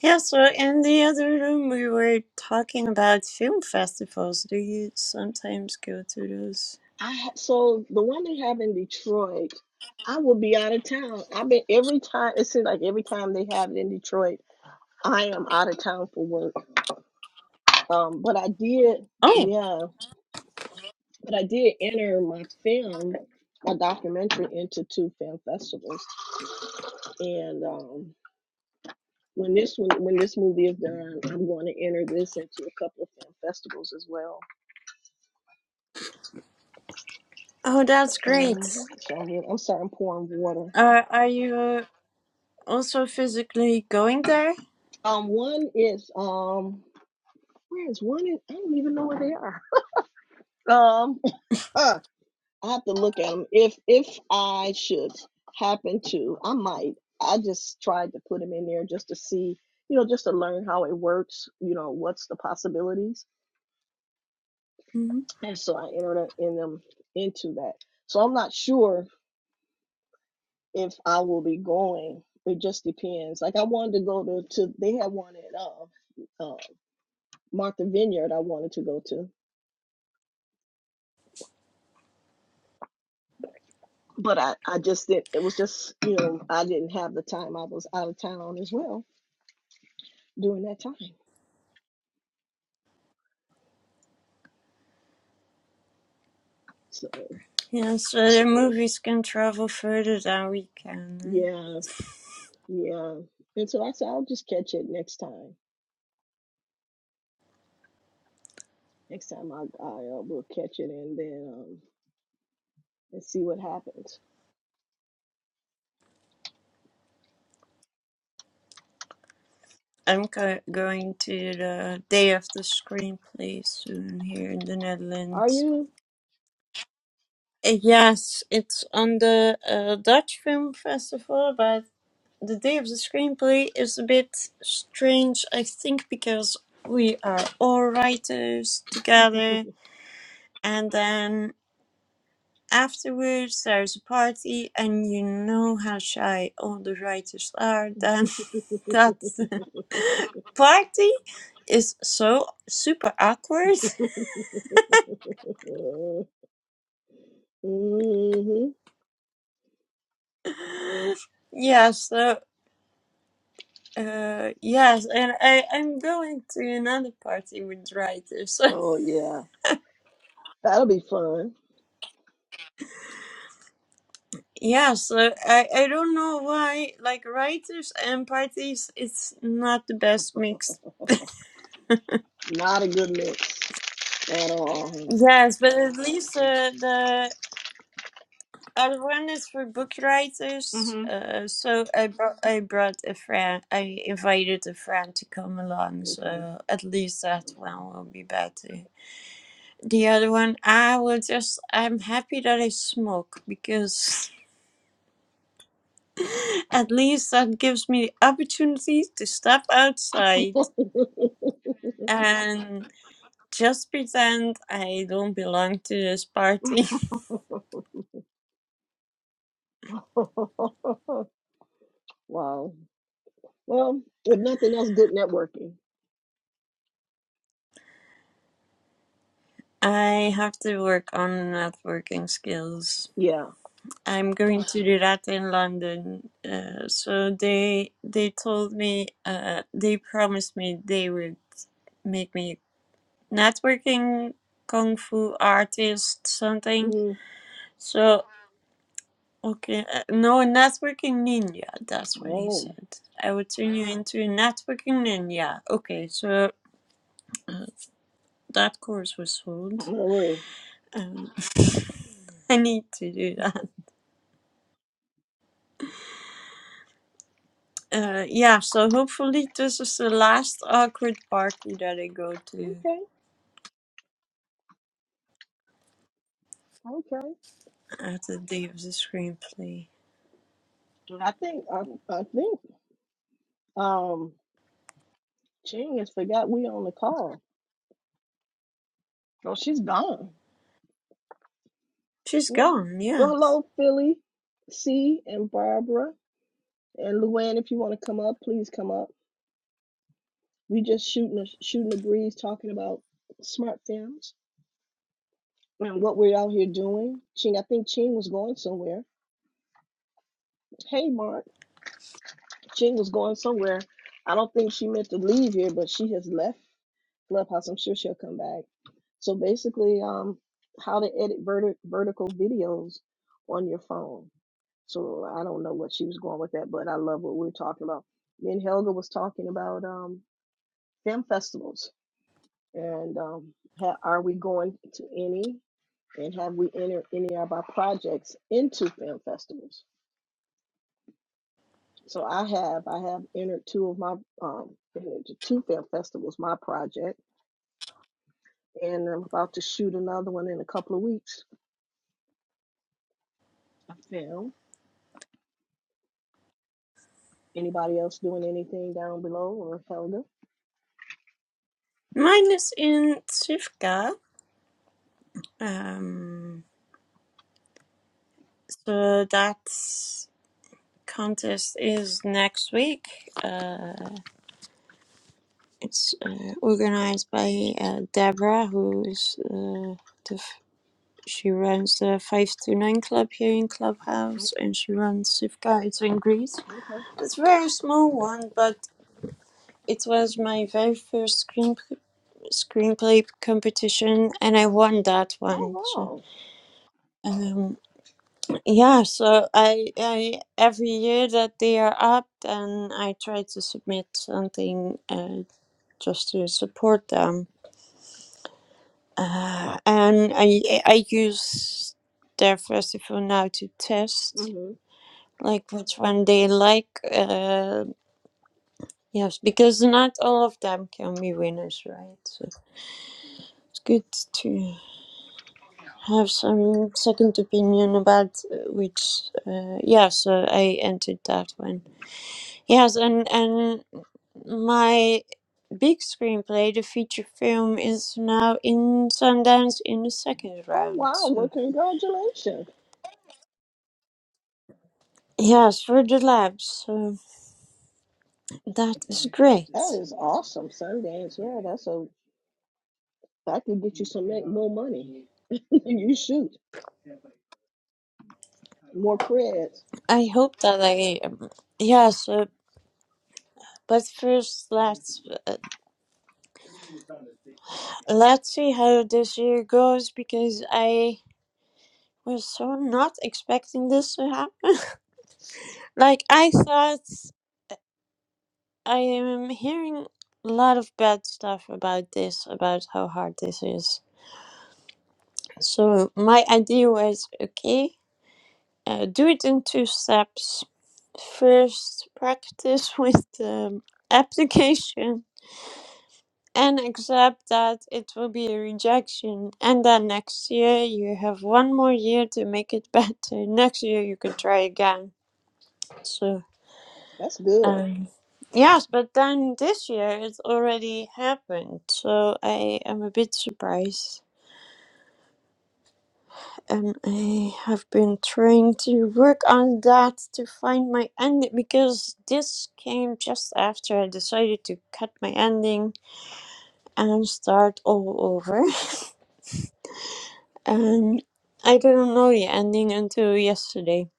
Speaker 3: Yeah, so in the other room we were talking about film festivals. Do you sometimes go to those?
Speaker 4: I ha- so the one they have in Detroit. I will be out of town. I've been every time. It seems like every time they have it in Detroit, I am out of town for work. Um, but I did.
Speaker 3: Oh,
Speaker 4: Yeah, but I did enter my film, my documentary, into two film festivals, and um, When this one, when this movie is done, I'm going to enter this into a couple of film festivals as well.
Speaker 3: oh, that's
Speaker 4: Um,
Speaker 3: great.
Speaker 4: so I'm, I'm sorry, I'm pouring water.
Speaker 3: Uh, are you uh, also physically going there?
Speaker 4: Um, one is um, where is one? In, I don't even know where they are. Um, I have to look at them. If if I should happen to, I might. I just tried to put them in there just to see, you know, just to learn how it works. You know, what's the possibilities,
Speaker 3: hmm
Speaker 4: and so I entered in them into that. So I'm not sure if I will be going. It just depends. Like I wanted to go to, to they had one at uh, uh, Martha Vineyard. I wanted to go to, but I I just didn't. It was just you know I didn't have the time. I was out of town as well during that time. So
Speaker 3: Yeah, so the movies can travel further than we can, right?
Speaker 4: yeah, yeah. And so I said I'll just catch it next time. Next time I I uh, will catch it and then um, let's see what happens.
Speaker 3: I'm go- going to the Day of the Screenplay soon here in the
Speaker 4: Are
Speaker 3: Netherlands.
Speaker 4: you?
Speaker 3: Uh, Yes, it's on the uh, Dutch Film Festival, but. the day of the screenplay is a bit strange, I think, because we are all writers together, and then afterwards there's a party, and you know how shy all the writers are. Then that party is so super awkward.
Speaker 4: hmm
Speaker 3: yeah, so. Uh, yes, and I, I'm going to another party with writers.
Speaker 4: Oh yeah, that'll be fun.
Speaker 3: Yes, uh, I, I don't know why, like writers and parties, it's not the best mix.
Speaker 4: Not a good mix at all.
Speaker 3: Yes, but at least uh, the other one is for book writers. Uh, so I brought I brought a friend. I invited a friend to come along.
Speaker 4: Okay.
Speaker 3: So at least that one will be better. The other one, I will just. I'm happy that I smoke because at least that gives me the opportunity to step outside. and. Just pretend I don't belong to this party.
Speaker 4: wow. Well, if nothing else, good networking.
Speaker 3: I have to work on networking skills.
Speaker 4: Yeah.
Speaker 3: I'm going to do that in London. Uh, so they they told me uh, they promised me they would make me a networking kung fu artist something.
Speaker 4: Mm-hmm.
Speaker 3: So okay, uh, no a networking ninja. That's what he
Speaker 4: Oh.
Speaker 3: said. I would turn you into a networking ninja. Okay, so uh, that course was sold.
Speaker 4: all right.
Speaker 3: Um, I need to do that. Uh, yeah, so hopefully this is the last awkward party that I go to
Speaker 4: Okay. Okay.
Speaker 3: at the day of the screenplay.
Speaker 4: I think I, I think um Ching has forgot we on the call. Oh, she's gone.
Speaker 3: She's
Speaker 4: Yeah.
Speaker 3: gone,
Speaker 4: Well,
Speaker 3: yes.
Speaker 4: hello, Philly, C, and Barbara, and Luann. If you want to come up, please come up. We just shooting a, shooting a breeze, talking about smart films and what we're out here doing. Ching, I think Ching was going somewhere. Hey, Mark, Ching was going somewhere. I don't think she meant to leave here, but she has left Clubhouse. I'm sure she'll come back. So basically, um, how to edit verti- vertical videos on your phone. So I don't know what she was going with that, but I love what we were talking about. Me and Helga was talking about um, film festivals And um, ha- are we going to any? And have we entered any of our projects into film festivals? So I have, I have entered two of my, um, entered to two film festivals, my project, and I'm about to shoot another one in a couple of weeks. A film. Anybody else doing anything down below or Helga?
Speaker 3: Mine is in Tsivka. Um, so that contest is next week. Uh, it's uh, organized by uh, Deborah, who's uh, the She runs the 5 to 9 club here in Clubhouse
Speaker 4: Okay,
Speaker 3: and she runs Shift Guides in Greece.
Speaker 4: okay.
Speaker 3: It's a very small one, but it was my very first screen, screenplay competition and I won that one.
Speaker 4: Oh
Speaker 3: So,
Speaker 4: wow.
Speaker 3: um, yeah, so I, I every year that they are up, then I try to submit something uh, just to support them. Uh, and I, I use their festival now to test.
Speaker 4: Mm-hmm.
Speaker 3: like which one they like. Uh, yes, because not all of them can be winners, right? So it's good to have some second opinion about uh, which. Uh, yeah, so I entered that one. Yes, and and my big screenplay, the feature film, is now in Sundance in the second
Speaker 4: Oh
Speaker 3: round.
Speaker 4: wow. Well,
Speaker 3: So.
Speaker 4: congratulations.
Speaker 3: Yes, for the labs. So that is
Speaker 4: That
Speaker 3: great.
Speaker 4: is awesome. Sundance. Yeah, that's a I can get you some ma- more money. you shoot more creds.
Speaker 3: I hope that I um, yes. But first, let's uh, let's see how this year goes because I was so not expecting this to happen. like I thought, I am hearing a lot of bad stuff about this, about how hard this is. So my idea was okay, uh, do it in two steps. First, practice with the application and accept that it will be a rejection. And then next year you have one more year to make it better. Next year you can try again. So,
Speaker 4: That's good.
Speaker 3: um, yes, but then this year it's already happened. So I am a bit surprised. And I have been trying to work on that to find my ending because this came just after I decided to cut my ending and start all over. And I didn't know the ending until yesterday.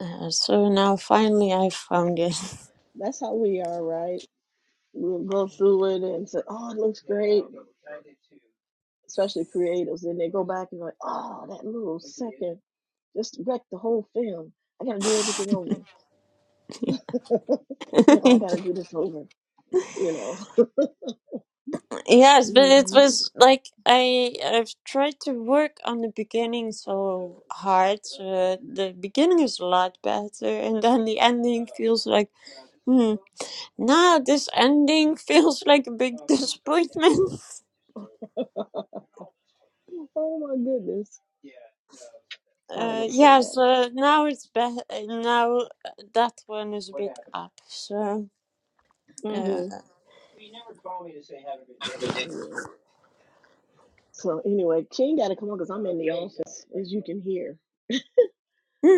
Speaker 3: Uh, so now finally I found it.
Speaker 4: That's how we are, right? We'll go through it and say, "Oh, it looks great," especially creatives. Then they go back and like, "Oh, that little second just wrecked the whole film. I got to do everything over. Like, oh, I got to do this over." You know?
Speaker 3: yes, but it
Speaker 4: Mhm.
Speaker 3: was like I I've tried to work on the beginning so hard. So the beginning is a lot better, and then the ending feels like hmm. Now this ending feels like a big disappointment.
Speaker 4: Oh my goodness! I ain't
Speaker 3: uh,
Speaker 4: gonna say
Speaker 3: yeah,
Speaker 4: that.
Speaker 3: so now it's better. Now uh, that one is a bit up. So. Uh,
Speaker 4: Mm-hmm. So anyway, she ain't got to come on because I'm in the office, as you can hear.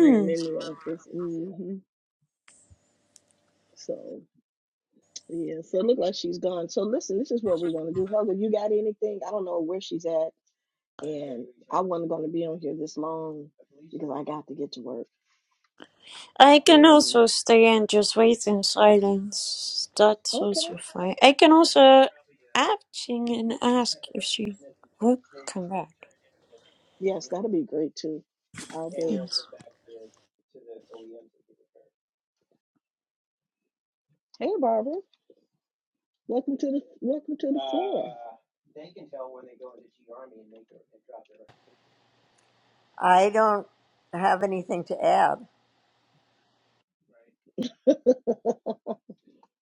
Speaker 4: I am in the office. hmm So yeah, so it looked like she's gone. So listen, this is what we're gonna do. Helga, you got anything? I don't know where she's at, and I wasn't gonna be on here this long because I got to get to work.
Speaker 3: I can
Speaker 4: And
Speaker 3: also stay and just wait in silence.
Speaker 4: uh,
Speaker 3: That's
Speaker 4: okay,
Speaker 3: also fine. I can also ask and ask if she would come back.
Speaker 4: yes, that'll be great too. I'll be.
Speaker 3: Yes.
Speaker 4: Hey, Barbara, welcome to the welcome to the floor.
Speaker 5: I don't have anything to add.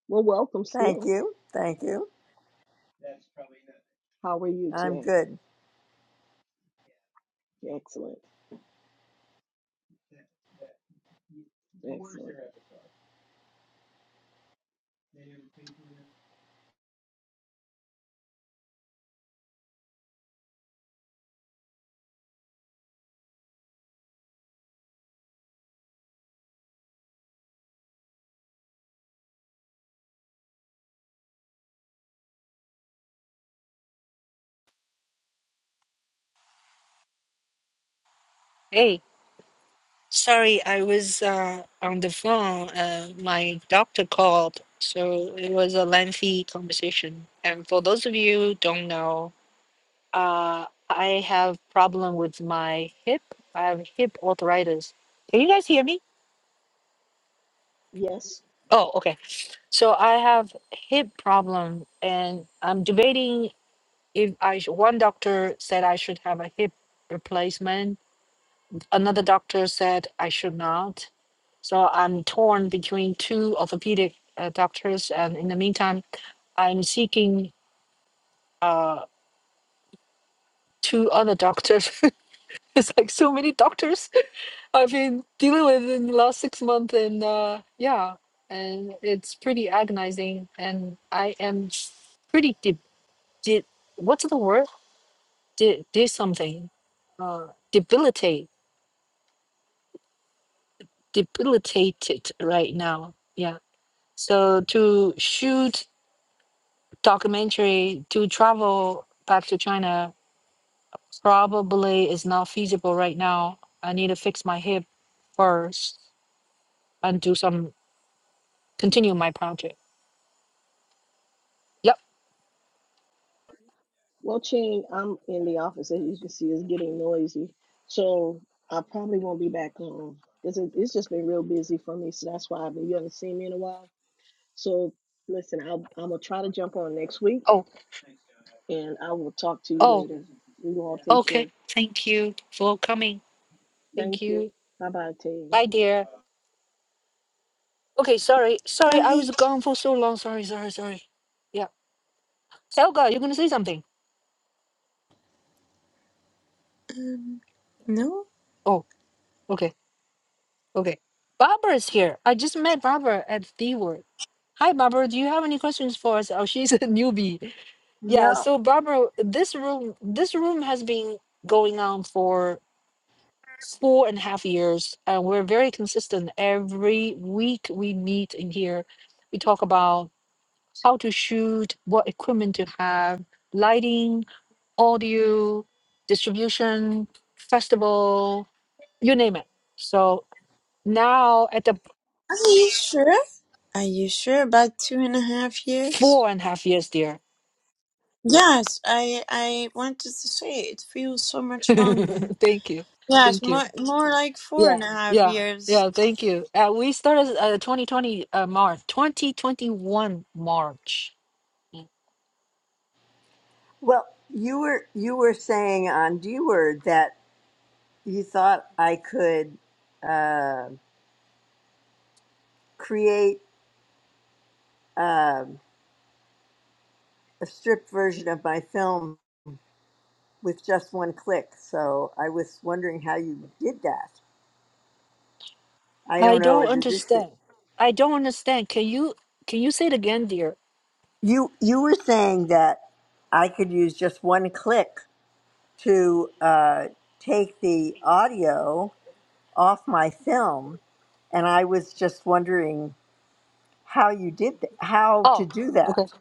Speaker 4: Well, welcome still.
Speaker 5: Thank you. Thank you.
Speaker 4: How are you
Speaker 5: I'm
Speaker 4: today?
Speaker 5: good.
Speaker 4: Excellent. Excellent.
Speaker 1: Hey, sorry, I was uh on the phone. Uh my doctor called, so it was a lengthy conversation. And for those of you who don't know, Uh, I have problem with my hip. I have hip arthritis. Can you guys hear me?
Speaker 4: Yes.
Speaker 1: Oh, okay. So I have hip problem, and I'm debating if I sh- one doctor said I should have a hip replacement. Another doctor said I should not. So I'm torn between two orthopedic uh, doctors, and in the meantime, I'm seeking uh, two other doctors. it's like so many doctors I've been dealing with it in the last six months, and uh, yeah, and it's pretty agonizing. And I am pretty de- de- what's the word? De did something, uh, debilitate, debilitated right now. Yeah. So to shoot documentary, to travel back to China, probably is not feasible right now. I need to fix my hip first and do some continue my project. Yep.
Speaker 4: Well, Ching, I'm in the office. As you can see, it's getting noisy. So I probably won't be back on because it, it's just been real busy for me. So that's why I've been, you haven't seen me in a while. So listen, I'll, I'm going to try to jump on next week
Speaker 1: Oh.
Speaker 4: and I will talk to you
Speaker 1: oh,
Speaker 4: later. You all take
Speaker 1: Okay,
Speaker 4: care.
Speaker 1: thank you for coming. Thank
Speaker 4: Thank you.
Speaker 1: you.
Speaker 4: Bye bye, Team.
Speaker 1: Bye, dear. Okay, sorry. Sorry, I
Speaker 3: Bye.
Speaker 1: was gone for so long. Sorry, sorry, sorry. Yeah. Helga, you're going to say something?
Speaker 3: Um, no?
Speaker 1: Oh, okay, okay. Barbara's here. I just met Barbara at the word. Hi, Barbara. Do you have any questions for us? Oh, she's a newbie. Yeah,
Speaker 5: No.
Speaker 1: so Barbara, this room, this room has been going on for four and a half years, and we're very consistent. Every week we meet in here. We talk about how to shoot, what equipment to have, lighting, audio, distribution, festival, you name it. So now at the
Speaker 3: Are you sure? Are you sure about two and a half years?
Speaker 1: four and a half years there.
Speaker 3: Yes, I I wanted to say it feels so much longer.
Speaker 1: thank you.
Speaker 3: Yes,
Speaker 1: Thank you.
Speaker 3: more more like four and
Speaker 1: Yeah.
Speaker 3: a half
Speaker 1: Yeah.
Speaker 3: years.
Speaker 1: Yeah. Thank you. Uh, we started uh, 2020 uh, March, 2021 March.
Speaker 5: Well, you were you were saying on D word that you thought I could uh, create um a stripped version of my film with just one click. So I was wondering how you did that. I
Speaker 1: I
Speaker 5: don't know.
Speaker 1: don't
Speaker 5: Is it just that-
Speaker 1: understand. I don't understand. Can you can you say it again, dear?
Speaker 5: You you were saying that I could use just one click to uh, take the audio off my film and I was just wondering how you did th- how to
Speaker 1: Oh,
Speaker 5: do
Speaker 1: okay.
Speaker 5: that.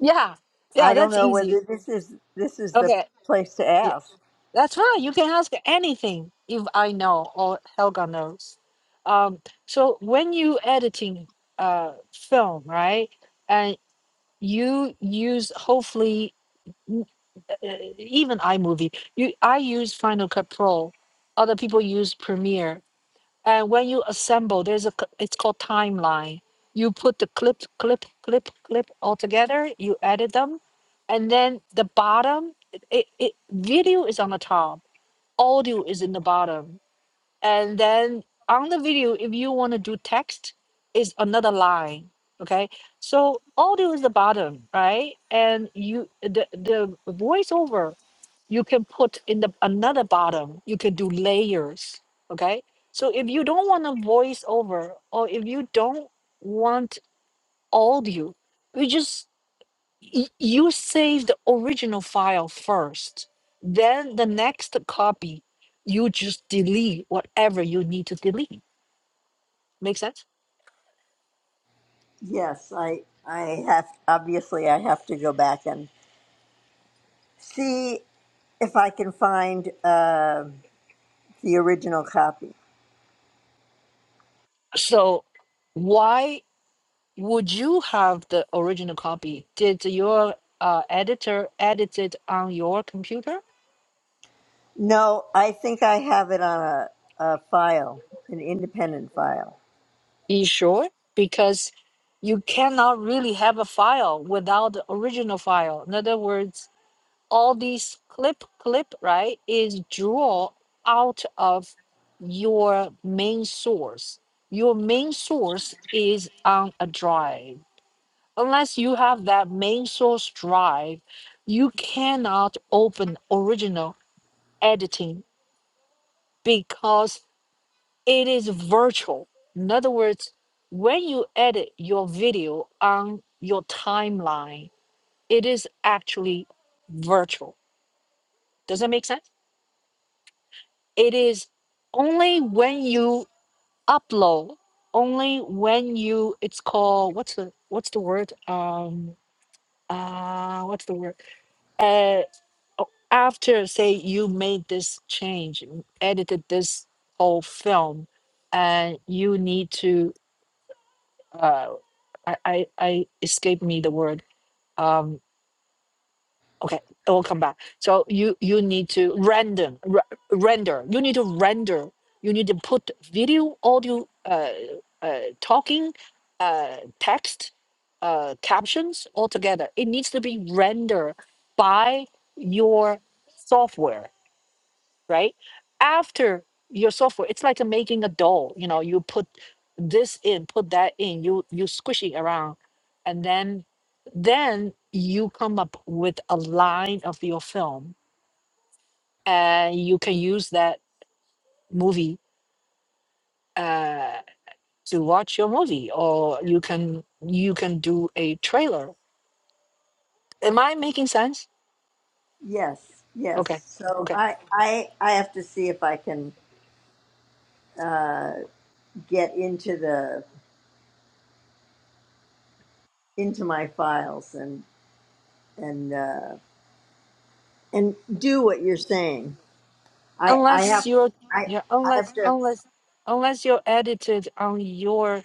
Speaker 1: Yeah. Yeah,
Speaker 5: I don't
Speaker 1: that's
Speaker 5: know
Speaker 1: easy.
Speaker 5: whether this is this is the
Speaker 1: Okay,
Speaker 5: place to
Speaker 1: yeah,
Speaker 5: ask.
Speaker 1: that's fine. You can ask anything if I know or Helga knows. Um, so when you editing uh film, right? And you use hopefully n- uh, even iMovie. You I use Final Cut Pro. Other people use Premiere. And when you assemble, there's a c- it's called timeline. You put the clip, clip, clip, clip all together. You edit them, and then the bottom. It, it video is on the top, audio is in the bottom, and then on the video, if you want to do text, is another line. Okay, so audio is the bottom, right? And you the the voiceover you can put in the another bottom you can do layers okay so if you don't want a voice over or if you don't want audio you just y- you save the original file first then the next copy you just delete whatever you need to delete make sense
Speaker 5: Yes, I I have obviously I have to go back and see if I can find uh, the original copy.
Speaker 1: so why would you have the original copy did your uh, editor edit it on your computer
Speaker 5: No, I think I have it on a, a file, an independent file.
Speaker 1: You sure? Because you cannot really have a file without the original file. In other words, all these clip clip right is draw out of your main source. Your main source is on a drive. Unless you have that main source drive, you cannot open original editing because it is virtual. In other words, when you edit your video on your timeline, it is actually virtual. Does that make sense? It is only when you upload, only when you it's called what's the what's the word? Um uh what's the word? Uh oh, after say you made this change, edited this whole film, and you need to uh I, I I escaped me the word. Um okay, it will come back. So you you need to random r- render. You need to render. You need to put video, audio, uh, uh, talking, uh, text, uh, captions all together. It needs to be rendered by your software right? After your software, it's like a making a doll. You know, you put this in, put that in, you you squish it around, and then then you come up with a line of your film, and you can use that movie uh, to watch your movie, or you can you can do a trailer. Am I making sense?
Speaker 5: Yes, yes.
Speaker 1: Okay,
Speaker 5: So
Speaker 1: okay.
Speaker 5: I I I have to see if I can uh, get into the into my files and and uh, and do what you're saying. I I
Speaker 1: Unless
Speaker 5: have
Speaker 1: you're
Speaker 5: I
Speaker 1: yeah,
Speaker 5: I have
Speaker 1: unless
Speaker 5: to.
Speaker 1: unless unless you're edited on your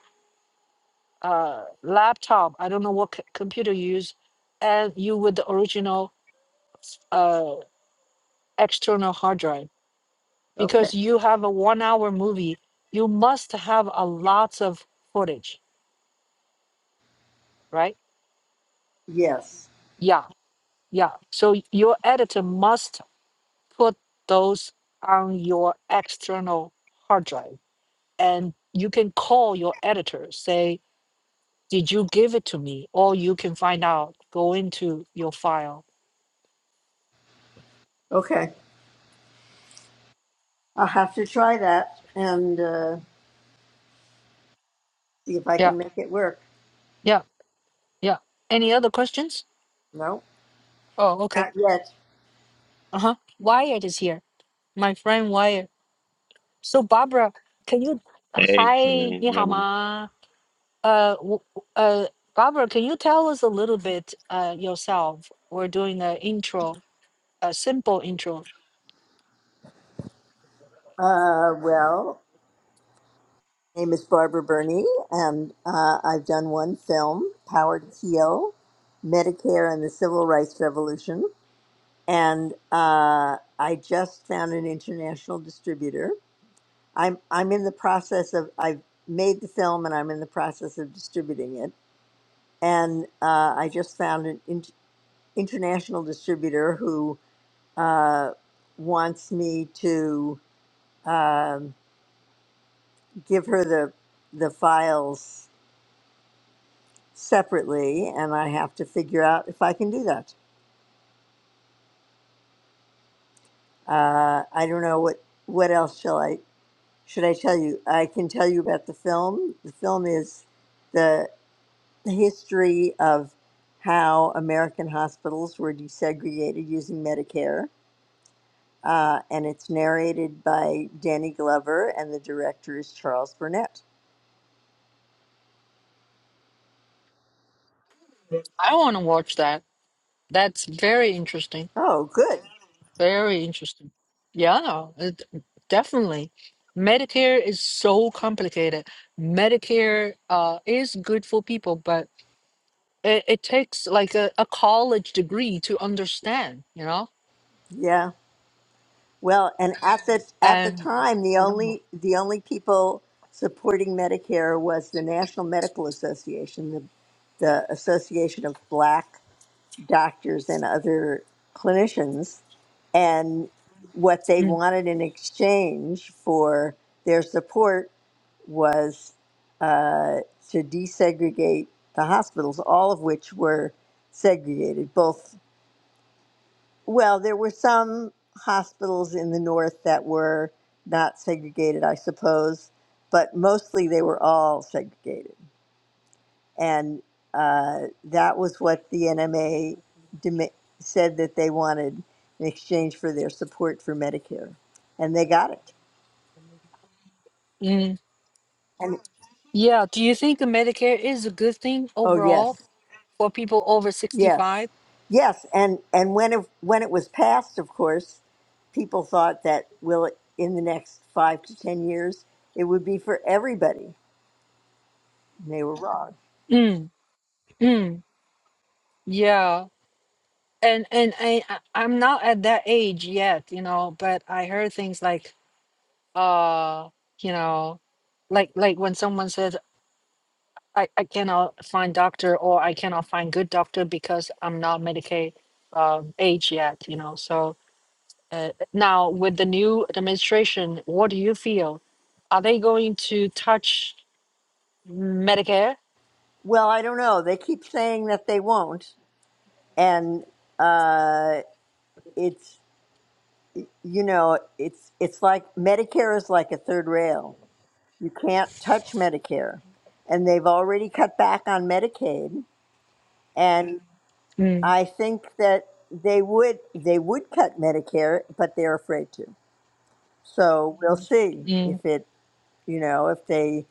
Speaker 1: uh, laptop. I don't know what c- computer you use, and you with the original uh, external hard drive
Speaker 5: Okay.
Speaker 1: because you have a one hour movie. You must have a lots of footage, right?
Speaker 5: Yes.
Speaker 1: Yeah, yeah. So your editor must put those on your external hard drive, and you can call your editor say. Did you give it to me? Or you can find out, go into your file.
Speaker 5: Okay. I'll have to try that and uh, see if I
Speaker 1: Yeah,
Speaker 5: can make it work.
Speaker 1: yeah. Yeah. Any other questions?
Speaker 5: No,
Speaker 1: Oh, okay.
Speaker 5: not yet.
Speaker 1: Uh huh. Wyatt is here. My friend Wyatt. So Barbara, can you?
Speaker 6: Hey,
Speaker 1: Hi,
Speaker 6: Shane. Yeah, man.
Speaker 1: 你好吗? Uh, w- uh, Barbara, can you tell us a little bit uh yourself? We're doing an intro, a simple intro.
Speaker 5: Uh, well, my name is Barbara Burney, and uh, I've done one film, Power to Heal, Medicare and the Civil Rights Revolution, and uh, I just found an international distributor I'm I'm in the process of I've made the film and I'm in the process of distributing it. And uh, I just found an in, international distributor who uh, wants me to um, give her the the files separately, and I have to figure out if I can do that. Uh, I don't know what what else shall I should I tell you? I can tell you about the film. The film is. the history of how American hospitals were desegregated using Medicare. Uh, and it's narrated by Danny Glover, and the director is Charles Burnett.
Speaker 1: I want to watch that. That's very interesting.
Speaker 5: Oh, good.
Speaker 1: Very interesting. Yeah, it, definitely. Medicare is so complicated. Medicare uh is good for people, but it, it takes like a, a college degree to understand, you know?
Speaker 5: Yeah. Well, and at the at the
Speaker 1: And
Speaker 5: time, the
Speaker 1: I don't know.
Speaker 5: only the only people supporting Medicare was the National Medical Association, the the Association of Black doctors and other clinicians and what they
Speaker 1: Mm,
Speaker 5: wanted in exchange for their support was uh, to desegregate the hospitals, all of which were segregated. Both, well, there were some hospitals in the north that were not segregated, I suppose, but mostly they were all segregated and uh, that was what the NMA dem- said that they wanted in exchange for their support for Medicare, and they got it.
Speaker 1: mm.
Speaker 5: And
Speaker 1: Yeah. Do you think Medicare is a good thing
Speaker 5: oh
Speaker 1: overall
Speaker 5: yes,
Speaker 1: for people over
Speaker 5: yes,
Speaker 1: 65?
Speaker 5: yes, and and when it, when it was passed, of course, people thought that will it in the next five to ten years it would be for everybody. And they were wrong.
Speaker 1: Mm. Mm. Yeah. And and I I- I'm not at that age yet, you know, but I heard things like uh, you know, like like when someone says I, I cannot find doctor or I cannot find good doctor because I'm not Medicaid um, age yet, you know. So Uh, now, with the new administration, what do you feel? Are they going to touch Medicare?
Speaker 5: Well, I don't know. They keep saying that they won't, and uh, it's you know, it's it's like Medicare is like a third rail. You can't touch Medicare, and they've already cut back on Medicaid. And
Speaker 1: Mm,
Speaker 5: I think that they would they would cut Medicare, but they're afraid to. So we'll see
Speaker 1: mm,
Speaker 5: if it you know if they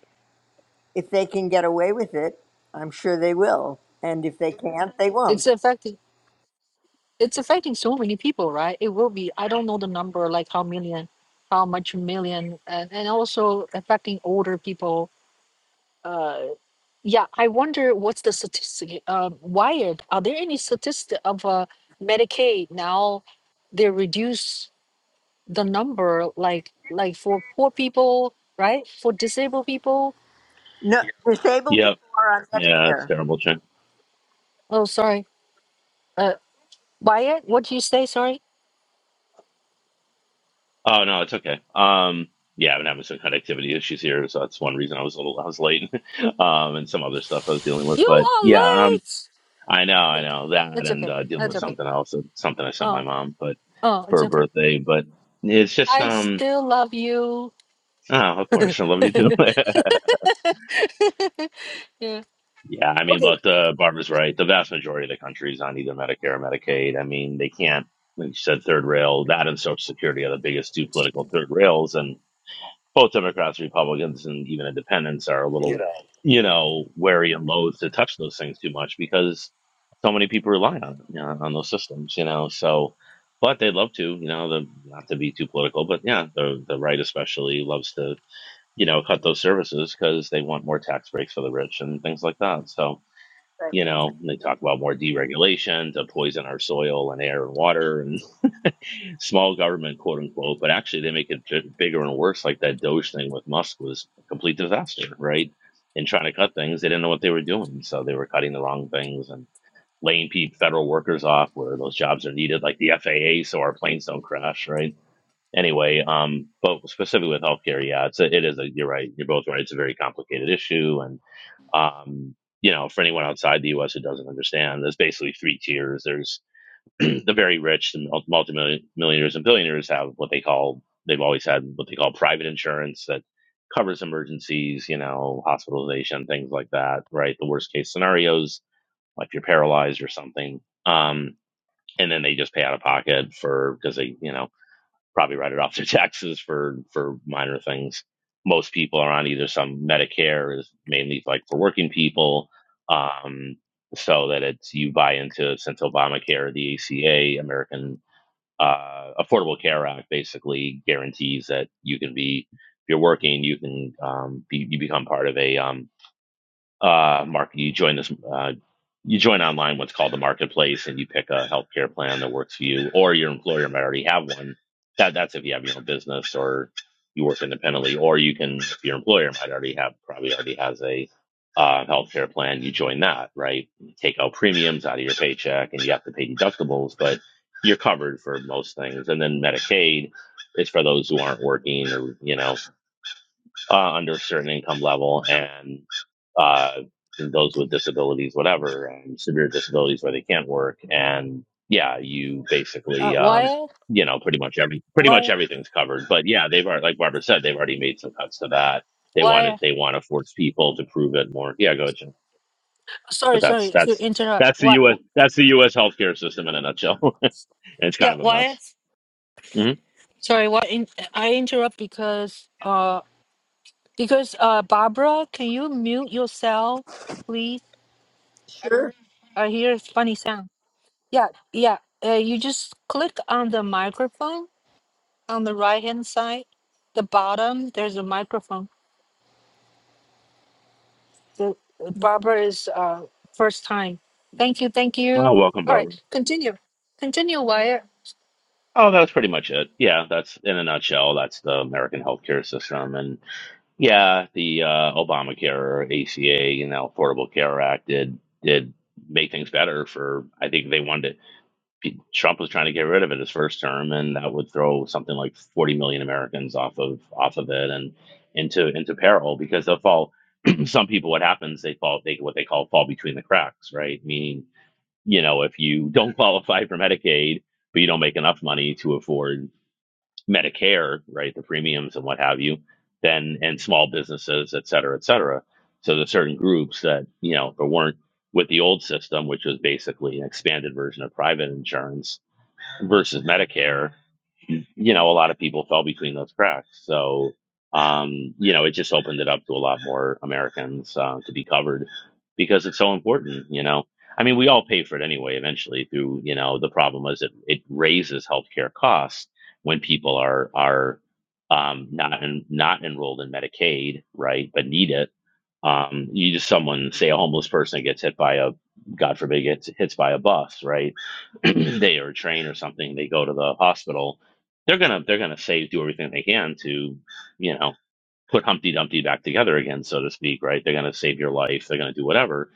Speaker 5: if they can get away with it. I'm sure they will, and if they can't, they
Speaker 1: It's
Speaker 5: won't.
Speaker 1: affecting. It's affecting so many people, right? It will be. I don't know the number, like how million, how much million, and, and also affecting older people. Uh, yeah, I wonder what's the statistic. Uh, wired. Are there any statistic of uh, Medicaid now? They reduce. the number like like for poor people right for disabled people
Speaker 5: No, disabled people
Speaker 6: Yep.
Speaker 5: are on
Speaker 6: Yeah, it's
Speaker 5: Medicare.
Speaker 6: terrible, Shane.
Speaker 1: oh sorry uh wyatt what do you say sorry
Speaker 6: Oh no, it's okay. Um, yeah, I've been having some connectivity issues here, so that's one reason I was a little I was late. um, and some other stuff I was dealing with,
Speaker 1: you
Speaker 6: but
Speaker 1: are
Speaker 6: yeah, um,
Speaker 1: late
Speaker 6: I know, I
Speaker 1: yeah
Speaker 6: know that,
Speaker 1: it's
Speaker 6: and
Speaker 1: okay
Speaker 6: uh, dealing
Speaker 1: that's
Speaker 6: with
Speaker 1: okay
Speaker 6: something else, uh, something I sent my
Speaker 1: oh
Speaker 6: mom, but
Speaker 1: oh
Speaker 6: for
Speaker 1: it's
Speaker 6: her
Speaker 1: okay
Speaker 6: birthday, but it's just
Speaker 1: i
Speaker 6: um,
Speaker 1: still love you
Speaker 6: oh, of course, I love you too.
Speaker 1: yeah
Speaker 6: Yeah, I mean,
Speaker 1: okay
Speaker 6: look, the Barbara's right. The vast majority of the country is on either Medicare or Medicaid. I mean, they can't, like you said, third rail. That and Social Security are the biggest two political third rails, and both Democrats, Republicans, and even Independents are a little, you know, wary and loath to touch those things too much because so many people rely on it, you know, on those systems, you know. So, but they'd love to, you know, the, not to be too political, but yeah, the the right especially loves to, you know, cut those services because they want more tax breaks for the rich and things like that. So
Speaker 5: Right.
Speaker 6: you know, and they talk about more deregulation to poison our soil and air and water and small government, quote unquote. But actually, they make it bi- bigger and worse. Like that Doge thing with Musk was a complete disaster, right? In trying to cut things, they didn't know what they were doing, so they were cutting the wrong things and laying pe federal workers off where those jobs are needed, like the FAA, so our planes don't crash, right? Anyway, um, but specifically with healthcare, yeah, it's a, it is a. You're right. You're both right. It's a very complicated issue, and um, you know, for anyone outside the U.S. who doesn't understand, there's basically three tiers. There's the very rich and mul- multimillionaires and billionaires have what they call they've always had what they call private insurance that covers emergencies, you know, hospitalization, things like that, right? The worst case scenarios, like you're paralyzed or something. Um, and then they just pay out of pocket for because they, you know, probably write it off to taxes for for minor things. Most people are on either some Medicare is mainly like for working people, um, so that it's you buy into since Obamacare, the ACA, American uh, Affordable Care Act, basically guarantees that you can be if you're working, you can um, be, you become part of a um, uh, market. You join this, uh, you join online what's called the marketplace, and you pick a healthcare plan that works for you, or your employer might already have one. That that's if you have your own business or you work independently, or you can if your employer might already have probably already has a uh, healthcare plan. You join that, right? You take out premiums out of your paycheck, and you have to pay deductibles, but you're covered for most things. And then Medicaid, it's for those who aren't working or you know uh, under a certain income level and uh, those with disabilities, whatever, and severe disabilities where they can't work. And yeah, you
Speaker 1: uh
Speaker 6: basically, um,
Speaker 1: wyatt
Speaker 6: you know, pretty much every pretty much
Speaker 1: wyatt
Speaker 6: everything's covered. But yeah, they've already, like Barbara said, they've already made some cuts to that. They want it.
Speaker 1: wyatt
Speaker 6: They want to force people to prove it more. Yeah, go ahead, Jim. But
Speaker 1: sorry
Speaker 6: that's
Speaker 1: sorry to
Speaker 6: that's
Speaker 1: interrupt
Speaker 6: that's the
Speaker 1: why
Speaker 6: U.S. That's the U.S. healthcare system in a nutshell, and it's kind
Speaker 1: yeah
Speaker 6: of a mess.
Speaker 1: wyatt
Speaker 6: hmm
Speaker 1: sorry why in, i interrupt because uh because uh barbara can you mute yourself please
Speaker 5: Sure.
Speaker 1: I hear a funny sound. Yeah, yeah. Uh, you just click on the microphone on the right hand side, the bottom. There's a microphone. The uh, Barbara is uh, first time. Thank you, thank you.
Speaker 6: Oh, welcome,
Speaker 1: All
Speaker 6: Barbara.
Speaker 1: right, continue, continue, Wyatt.
Speaker 6: Oh, that's pretty much it. Yeah, that's in a nutshell. That's the American healthcare system, and yeah, the uh, Obamacare, ACA, and the Affordable Care Act did did make things better for. I think they wanted to, Trump was trying to get rid of it his first term, and that would throw something like forty million Americans off of off of it and into into peril because they'll fall. some people, what happens? They fall. They what they call fall between the cracks, right? Meaning, you know, if you don't qualify for Medicaid but you don't make enough money to afford Medicare, right, the premiums and what have you, then and small businesses, et cetera, et cetera. So there's certain groups that you know there weren't with the old system, which was basically an expanded version of private insurance versus Medicare, you know, a lot of people fell between those cracks. So, um, you know, it just opened it up to a lot more Americans uh, to be covered because it's so important, you know. I mean, we all pay for it anyway, eventually through, you know, the problem is it, it raises healthcare costs when people are, are, um, not, en- not enrolled in Medicaid, right, but need it um, you just someone say a homeless person gets hit by a God forbid gets hits by a bus, right? they or a train or something. They go to the hospital. They're gonna they're gonna say do everything they can to, you know, put Humpty Dumpty back together again, so to speak, right? They're gonna save your life. They're gonna do whatever,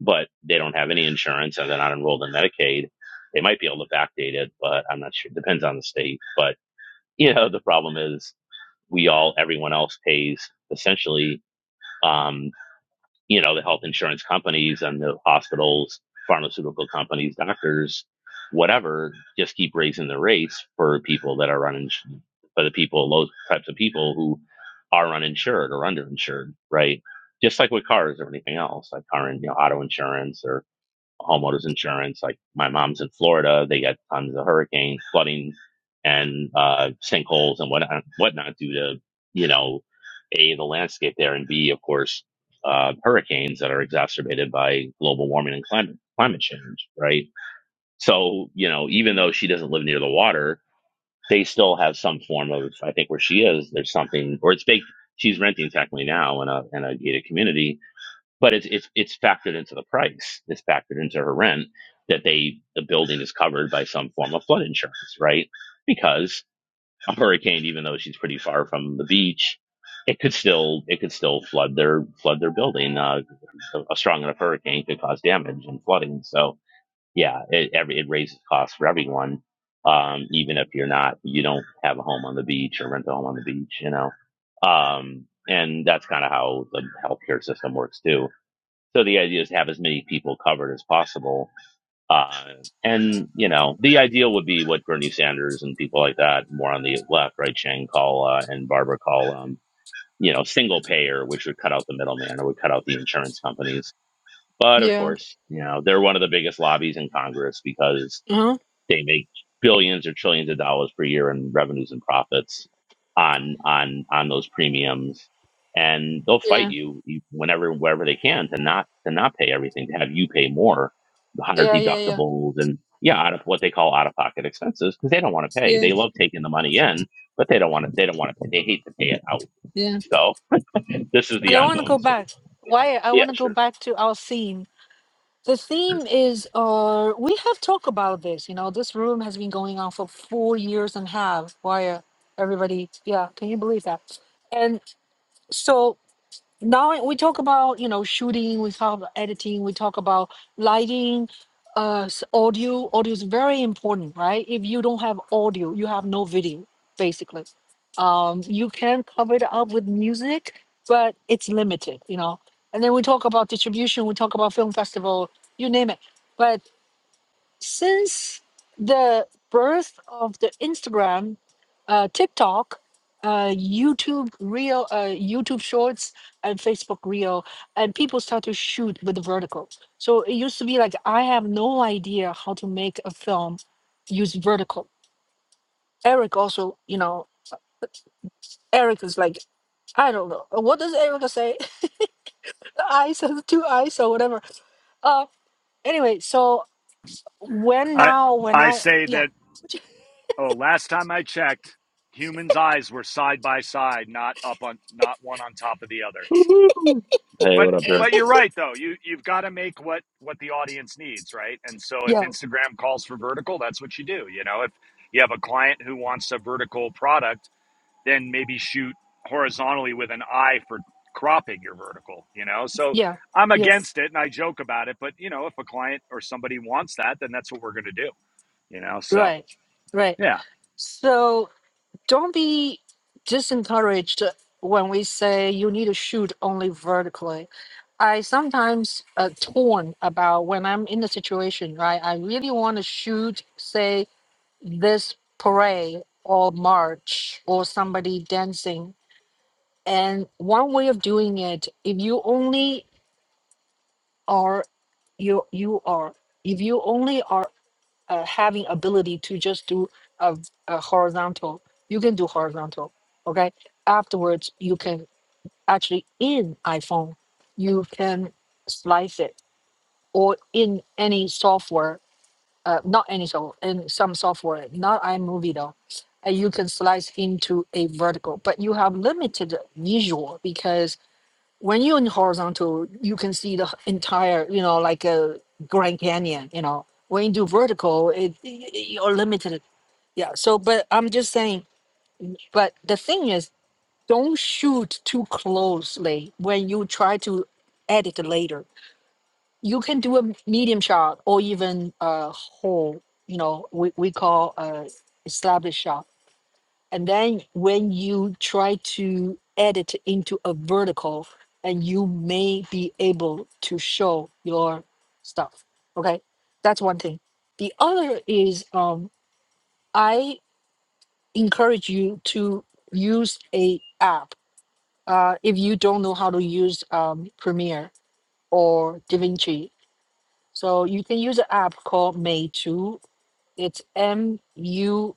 Speaker 6: but they don't have any insurance and they're not enrolled in Medicaid. They might be able to backdate it, but I'm not sure. Depends on the state. But you know, the problem is we all everyone else pays essentially. Um, you know, the health insurance companies and the hospitals, pharmaceutical companies, doctors, whatever, just keep raising the rates for people that are uninsured, for the people, those types of people who are uninsured or underinsured, right? Just like with cars or anything else, like car and you know, auto insurance or homeowners insurance. Like my mom's in Florida, they get tons of hurricanes, flooding, and uh, sinkholes and whatnot, whatnot due to you know a the landscape there and b of course uh, hurricanes that are exacerbated by global warming and climate climate change. Right. So you know even though she doesn't live near the water, they still have some form of I think where she is there's something or it's big. She's renting technically now in a in a gated community but it's it's it's factored into the price. It's factored into her rent that they the building is covered by some form of flood insurance, right? Because a hurricane, even though she's pretty far from the beach, it could still it could still flood their flood their building. Uh, a, a strong enough hurricane could cause damage and flooding. So yeah, it every it raises costs for everyone. Um, even if you're not you don't have a home on the beach or rent a home on the beach, you know. Um, and that's kind of how the healthcare system works too so the idea is to have as many people covered as possible. Uh, and, you know, the ideal would be what Bernie Sanders and people like that, more on the left, right, Shane call, uh, and Barbara call, um, you know, single payer, which would cut out the middleman or would cut out the insurance companies. But of
Speaker 1: Yeah.
Speaker 6: course, you know, they're one of the biggest lobbies in Congress because
Speaker 1: Uh-huh.
Speaker 6: they make billions or trillions of dollars per year in revenues and profits on on on those premiums, and they'll fight
Speaker 1: Yeah.
Speaker 6: you you- whenever wherever they can to not to not pay everything to have you pay more, the higher
Speaker 1: Yeah. Yeah. Yeah.
Speaker 6: deductibles and yeah, out of what they call out of pocket expenses because they don't want to pay.
Speaker 1: Yeah.
Speaker 6: They love taking the money in, but they don't want to. They don't want to. They hate to pay it out.
Speaker 1: Yeah.
Speaker 6: So this is the
Speaker 1: I want to go
Speaker 6: ongoing struggle.
Speaker 1: back, Wyatt. I
Speaker 6: Yeah,
Speaker 1: want to go
Speaker 6: sure.
Speaker 1: back to our scene. the
Speaker 6: sure.
Speaker 1: theme is uh we have talked about this you know this room has been going on for four years and a half why uh, everybody yeah can you believe that and so now we talk about you know shooting we talk about editing we talk about lighting uh s- audio audio is very important right if you don't have audio you have no video basically um you can cover it up with music but it's limited you know and then we talk about distribution we talk about film festival you name it but since the birth of the Instagram, uh, TikTok, uh, YouTube Reel, uh, YouTube Shorts, and Facebook Reel, and people start to shoot with the vertical. So it used to be like I have no idea how to make a film use vertical. Eric also, you know, Eric is like I don't know what does Eric say. the eyes, or the two eyes, or whatever. Uh, anyway, so when
Speaker 2: I
Speaker 1: now when
Speaker 2: I
Speaker 1: I
Speaker 2: say
Speaker 1: yeah
Speaker 2: that Oh, last time I checked, humans' eyes were side by side, not up on not one on top of the other.
Speaker 6: Woo-hoo. Hey,
Speaker 2: But
Speaker 6: what up, Eric?
Speaker 2: but you're right though. You you've got to make what what the audience needs, right? And so if
Speaker 1: yeah
Speaker 2: Instagram calls for vertical, that's what you do, you know. If you have a client who wants a vertical product, then maybe shoot horizontally with an eye for cropping your vertical, you know. So
Speaker 1: yeah
Speaker 2: I'm
Speaker 1: yeah
Speaker 2: against it and I joke about it, but you know, if a client or somebody wants that, then that's what we're going to do, you know. So,
Speaker 1: Right, right.
Speaker 2: yeah.
Speaker 1: So don't be disencouraged when we say you need to shoot only vertically. I sometimes uh, torn about when I'm in the situation, right? I really want to shoot, say, this parade or march or somebody dancing. And one way of doing it, if you only are you you are if you only are uh, having ability to just do a, a horizontal. You can do horizontal, okay? Afterwards, you can actually in iPhone, you can slice it or in any software, uh, not any software, in some software, not iMovie though. And you can slice into a vertical, but you have limited visual because when you're in horizontal, you can see the entire, you know, like a Grand Canyon, you know. When you do vertical, it, you're limited. Yeah. So, but I'm just saying, but the thing is, don't shoot too closely when you try to edit later. You can do a medium shot or even a whole, you know, we, we call a established shot and then when you try to edit into a vertical, and you may be able to show your stuff. Okay, that's one thing. The other is um, I encourage you to use a app uh, if you don't know how to use um, Premiere or DaVinci. So you can use an app called May2. It's M U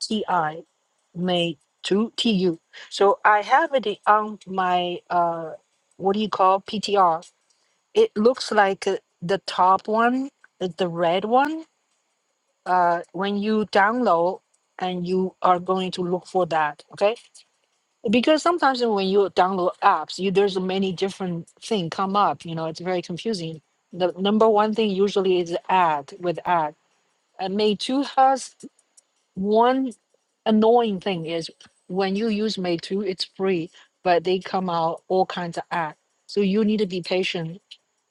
Speaker 1: TI made to TU. So I have it on my uh, what do you call PTR? It looks like uh, the top one, uh, the red one. Uh, when you download and you are going to look for that, okay? Because sometimes when you download apps, you there's many different thing come up. You know, it's very confusing. The number one thing usually is ad with ad. And May two has one annoying thing is when you use Meitu, it's free, but they come out all kinds of ads. So you need to be patient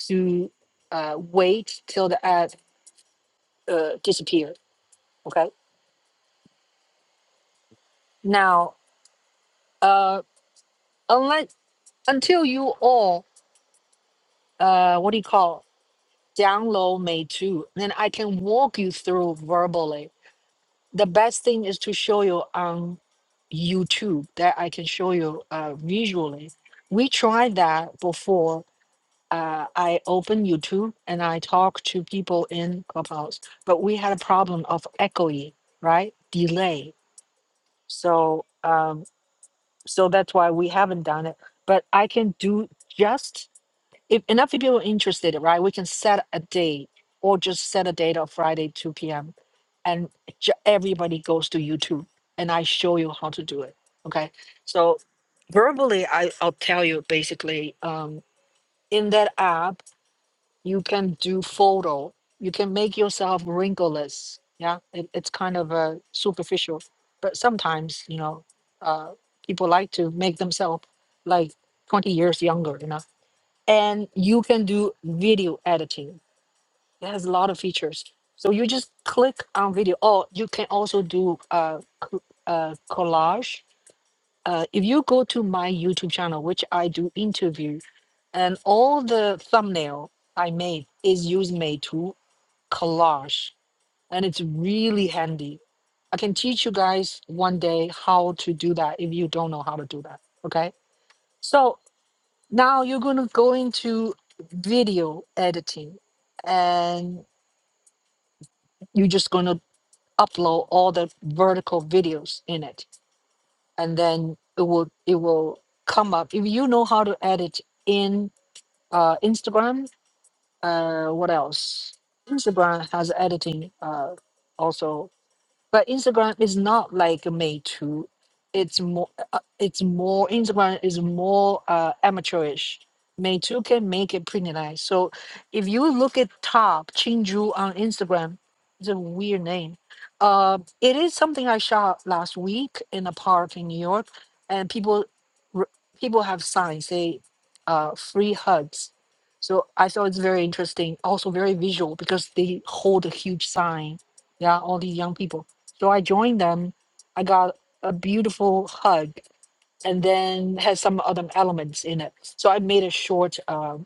Speaker 1: to uh, wait till the ad uh, disappear. Okay. Now, uh, unless until you all uh, what do you call download Meitu, then I can walk you through verbally the best thing is to show you on YouTube that I can show you uh, visually. We tried that before. Uh, I opened YouTube and I talked to people in Clubhouse, but we had a problem of echoing, right? Delay. So, um, so that's why we haven't done it. But I can do just if enough people are interested, right, we can set a date or just set a date of Friday, 2 p.m. And j- everybody goes to YouTube and I show you how to do it. Okay. So verbally, I, I'll tell you basically um, in that app, you can do photo, you can make yourself wrinkleless. Yeah. It, it's kind of uh, superficial, but sometimes, you know, uh, people like to make themselves like 20 years younger, you know and you can do video editing. It has a lot of features. So you just click on video. Oh, you can also do uh, co- uh, collage. Uh, if you go to my YouTube channel, which I do interview, and all the thumbnail I made is using Meitu collage, and it's really handy. I can teach you guys one day how to do that if you don't know how to do that. Okay. So now you're going to go into video editing and you're just going to upload all the vertical videos in it and then it will it will come up if you know how to edit in uh, instagram uh, what else instagram has editing uh, also but Instagram is not like May too. It's more. Uh, it's more. Instagram is more uh, amateurish. May too can make it pretty nice. So if you look at top Chinju on Instagram, it's a weird name. Uh, it is something I shot last week in a park in New York, and people r- people have signs say uh, free hugs. So I thought it's very interesting, also very visual because they hold a huge sign. Yeah, all these young people. So I joined them. I got a beautiful hug and then had some other elements in it. So I made a short, um,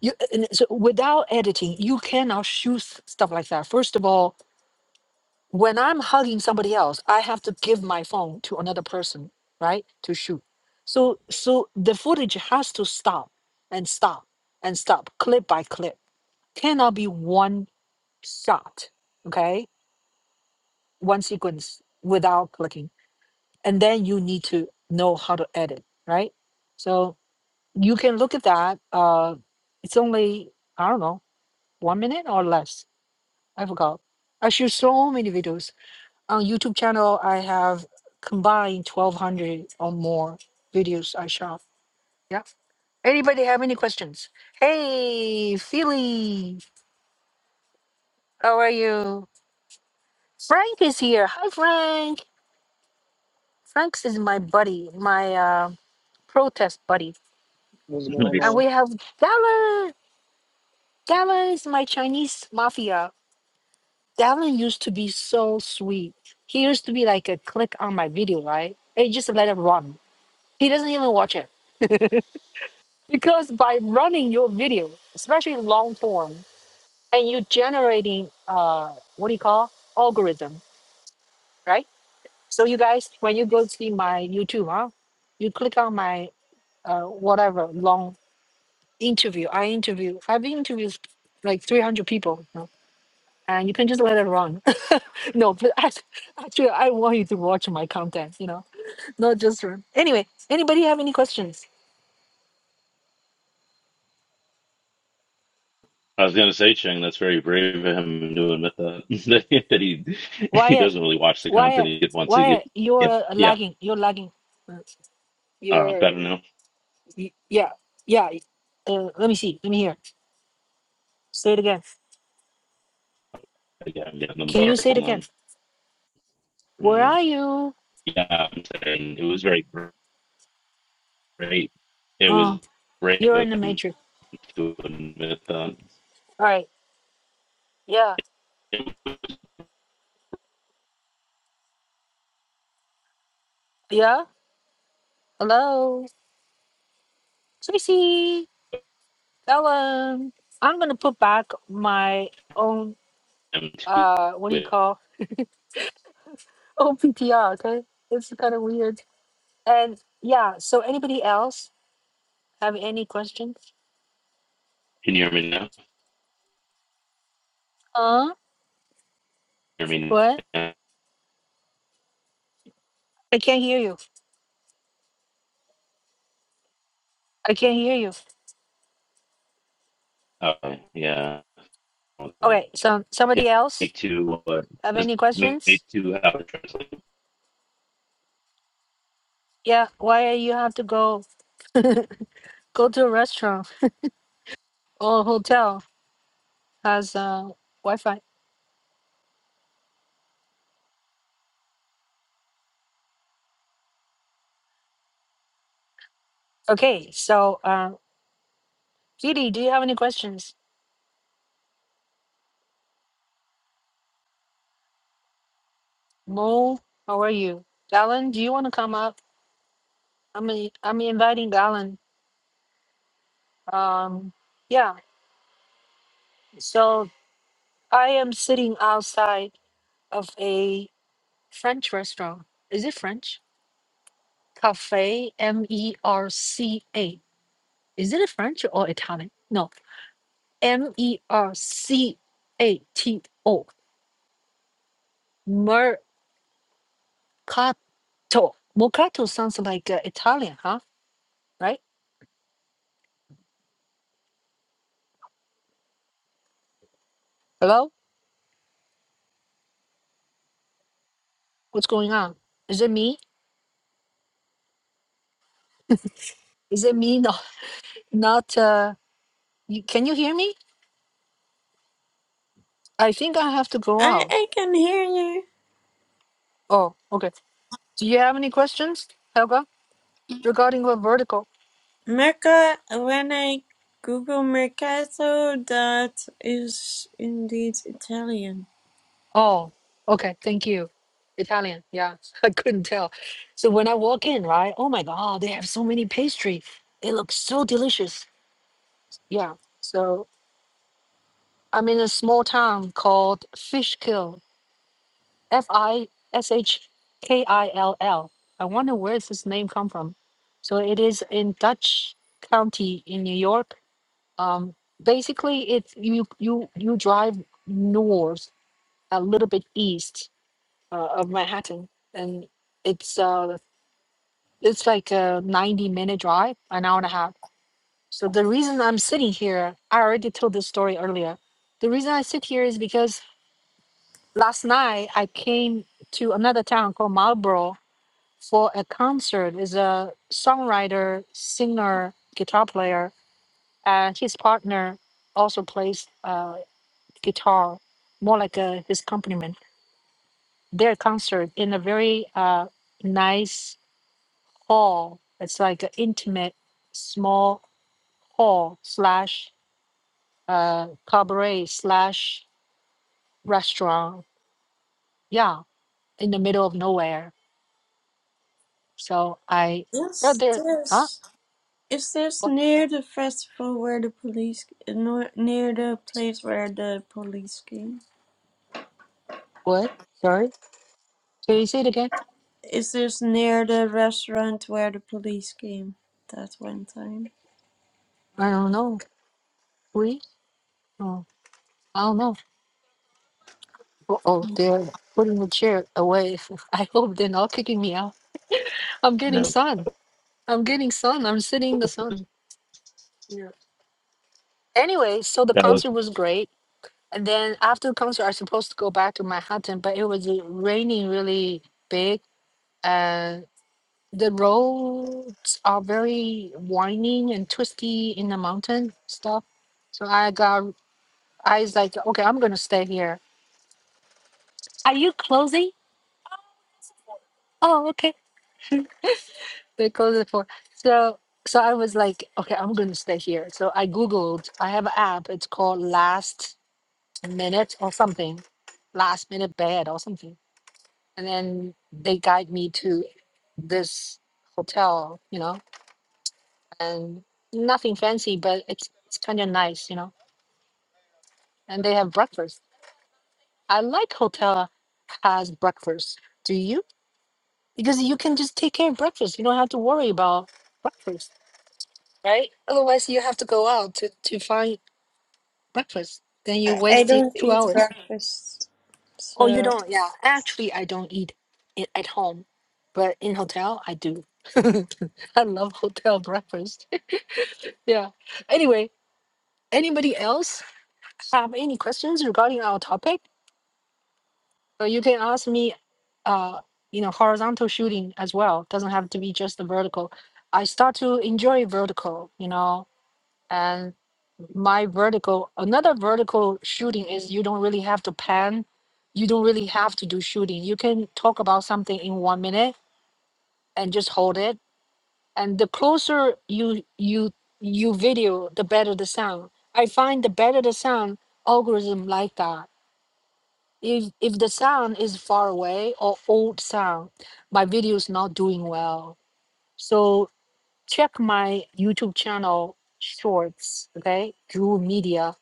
Speaker 1: you, and so without editing, you cannot shoot s- stuff like that. First of all, when I'm hugging somebody else, I have to give my phone to another person, right, to shoot. So, so the footage has to stop and stop and stop, clip by clip. Cannot be one shot, okay, one sequence without clicking and then you need to know how to edit, right? So you can look at that. Uh, it's only I don't know one minute or less. I forgot. I shoot so many videos on YouTube channel. I have combined twelve hundred or more videos I shot. Yeah. Anybody have any questions? Hey, Philly, how are you? Frank is here. Hi, Frank. Frank is my buddy, my uh, protest buddy,
Speaker 7: What's going
Speaker 6: Nice.
Speaker 1: and
Speaker 7: on?
Speaker 1: we have Dallas. Dallin is my Chinese mafia. Dallin used to be so sweet. He used to be like a click on my video, right? And you just let him run. He doesn't even watch it. Because by running your video, especially long form, and you generating uh what do you call algorithm, right? So you guys when you go see my YouTube, huh? You click on my uh whatever long interview. I interview I've interviewed like 300 people. and you can just let it run. no, but act- actually, I want you to watch my content. You know, not just run. Anyway, anybody have any questions?
Speaker 6: I was going to say, Cheng, that's very brave of him to admit that that he he
Speaker 1: Wyatt,
Speaker 6: doesn't really watch the content
Speaker 1: Wyatt,
Speaker 6: he wants to get.
Speaker 1: Wyatt,
Speaker 6: Yeah,
Speaker 1: you're
Speaker 6: yeah,
Speaker 1: lagging. You're lagging. Uh,
Speaker 6: uh,
Speaker 1: You're
Speaker 6: better now.
Speaker 1: y- yeah yeah. Uh, let me see. Let me hear. Say it again.
Speaker 6: Yeah, I'm getting the
Speaker 1: Can you
Speaker 6: bar.
Speaker 1: say it
Speaker 6: Hold
Speaker 1: again?
Speaker 6: on.
Speaker 1: Where
Speaker 6: Mm,
Speaker 1: are you?
Speaker 6: yeah, I'm saying it was very great. It
Speaker 1: Oh,
Speaker 6: was brave
Speaker 1: you're
Speaker 6: of
Speaker 1: in the
Speaker 6: him
Speaker 1: matrix.
Speaker 6: to admit that.
Speaker 1: All right. Yeah.
Speaker 6: It was
Speaker 1: Yeah. Hello. Tracy. Ellen. I'm gonna put back my own
Speaker 6: him to
Speaker 1: uh what do you
Speaker 6: admit.
Speaker 1: call OPTR, okay? It's kind of weird. And yeah, so anybody else have any questions?
Speaker 6: Can you hear me now?
Speaker 1: Huh?
Speaker 6: Hear me
Speaker 1: What?
Speaker 6: now?
Speaker 1: I can't hear you. I can't hear you.
Speaker 6: Okay, yeah. Uh,
Speaker 1: Okay, so
Speaker 6: It
Speaker 1: somebody
Speaker 6: me
Speaker 1: else
Speaker 6: too. What?
Speaker 1: have
Speaker 6: This
Speaker 1: any
Speaker 6: me
Speaker 1: questions?
Speaker 6: too. How to translate?
Speaker 1: Yeah, why are you have to go go to a restaurant or hotel has uh Wi-Fi? Okay, so uh Judy, do you have any questions? Mo, how are you? Alan, do you want to come up? I'm i I'm inviting Alan. Um yeah So I am sitting outside of a French restaurant. Is it French? Cafe M E R C A. Is it French or Italian? No. M E R C A T O. Mercato. Mercato sounds like uh, Italian, huh? Right? Hello? What's going on? Is it me? Is it me? No, not. Uh, you, can you hear me? I think I have to go
Speaker 3: I
Speaker 1: out.
Speaker 3: I can hear you.
Speaker 1: Oh, okay. Do you have any questions, Helga? Regarding the vertical.
Speaker 3: Merca, when I Google Mercato, that is indeed Italian.
Speaker 1: Oh, okay. Thank you. Italian. Yeah, I couldn't tell. So when I walk in, right? Oh my God, they have so many pastry. It looks so delicious. Yeah. So I'm in a small town called Fishkill. F I S H K I L L. I wonder where does this name come from. So it is in Dutch County in New York. Um, basically, it's you you you drive north a little bit east uh, of Manhattan, and it's uh it's like a ninety minute drive, an hour and a half. So the reason I'm sitting here, I already told this story earlier. The reason I sit here is because last night I came to another town called Marlborough for a concert. Is a songwriter, singer, guitar player, and his partner also plays uh, guitar, more like a, his accompaniment. Their concert in a very uh, nice hall. It's like an intimate small hall slash uh, cabaret slash restaurant. Yeah, in the middle of nowhere. So I heard
Speaker 3: Yes,
Speaker 1: there. Huh?
Speaker 3: this. Is this
Speaker 1: What?
Speaker 3: near the festival where the police, nor- near the place where the police came?
Speaker 1: What? Sorry. Can you say it again?
Speaker 3: Is this near the restaurant where the police came that one time?
Speaker 1: I don't know. Please. Oh, I don't know. Oh, oh, they're putting the chair away. I hope they're not kicking me out. I'm getting
Speaker 6: No,
Speaker 1: sun. I'm getting sun. I'm sitting in the sun. Yeah. Anyway, so the
Speaker 6: that was
Speaker 1: concert was great And then after the concert, I supposed to go back to Manhattan, but it was uh, raining really big. Uh, the roads are very winding and twisty in the mountain stuff. So I got, I was like, okay, I'm gonna stay here. Are you closing? Oh, okay. They closed it for. So, so I was like, okay, I'm gonna stay here. So I Googled, I have an app. It's called Last Minute or something, Last Minute Bed or something and then they guide me to this hotel, you know, and nothing fancy, but it's it's kind of nice, you know. And they have breakfast. I like hotel has breakfast. Do you? Because you can just take care of breakfast. You don't have to worry about breakfast, right? Otherwise, you have to go out to to find breakfast. Then you
Speaker 3: I, I
Speaker 1: wasted
Speaker 3: don't
Speaker 1: two
Speaker 3: eat
Speaker 1: hours.
Speaker 3: breakfast,
Speaker 1: Oh, you
Speaker 3: so
Speaker 1: don't? Yeah, actually, I don't eat it at home, but in hotel I do. I love hotel breakfast Yeah. Anyway, anybody else have any questions regarding our topic? Or you can ask me, uh, you know, horizontal shooting as well. Doesn't have to be just the vertical. I start to enjoy vertical, you know, and my vertical, another vertical shooting is you don't really have to pan. You don't really have to do shooting. You can talk about something in one minute and just hold it and the closer you you you video the better the sound i find the better the sound algorithm like that if if the sound is far away or old sound my video is not doing well so check my youtube channel shorts okay drew media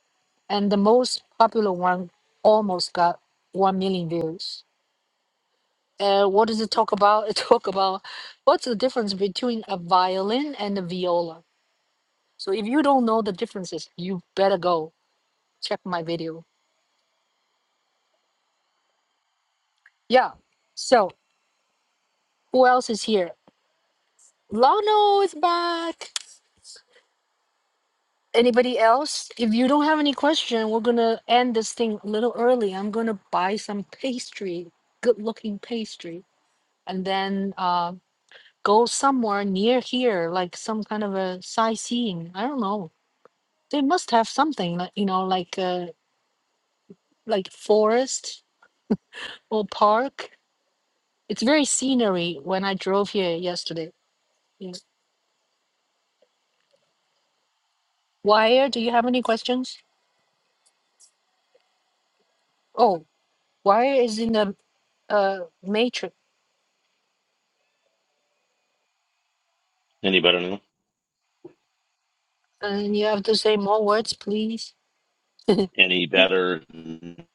Speaker 1: and the most popular one almost got 1 million views uh, what does it talk about it talk about what's the difference between a violin and a viola So if you don't know the differences, you better go check my video. Yeah. So who else is here? Lano is back. Anybody else? If you don't have any question, we're gonna end this thing a little early. I'm gonna buy some pastry, good looking pastry, and then uh, go somewhere near here, like some kind of a sightseeing. I don't know. They must have something, like you know, like uh, like forest or park It's very scenery when I drove here yesterday. Yes. Wire, do you have any questions? Oh, wire is in the uh matrix.
Speaker 6: any better now?
Speaker 1: And you have to say more words, please.
Speaker 6: any better. than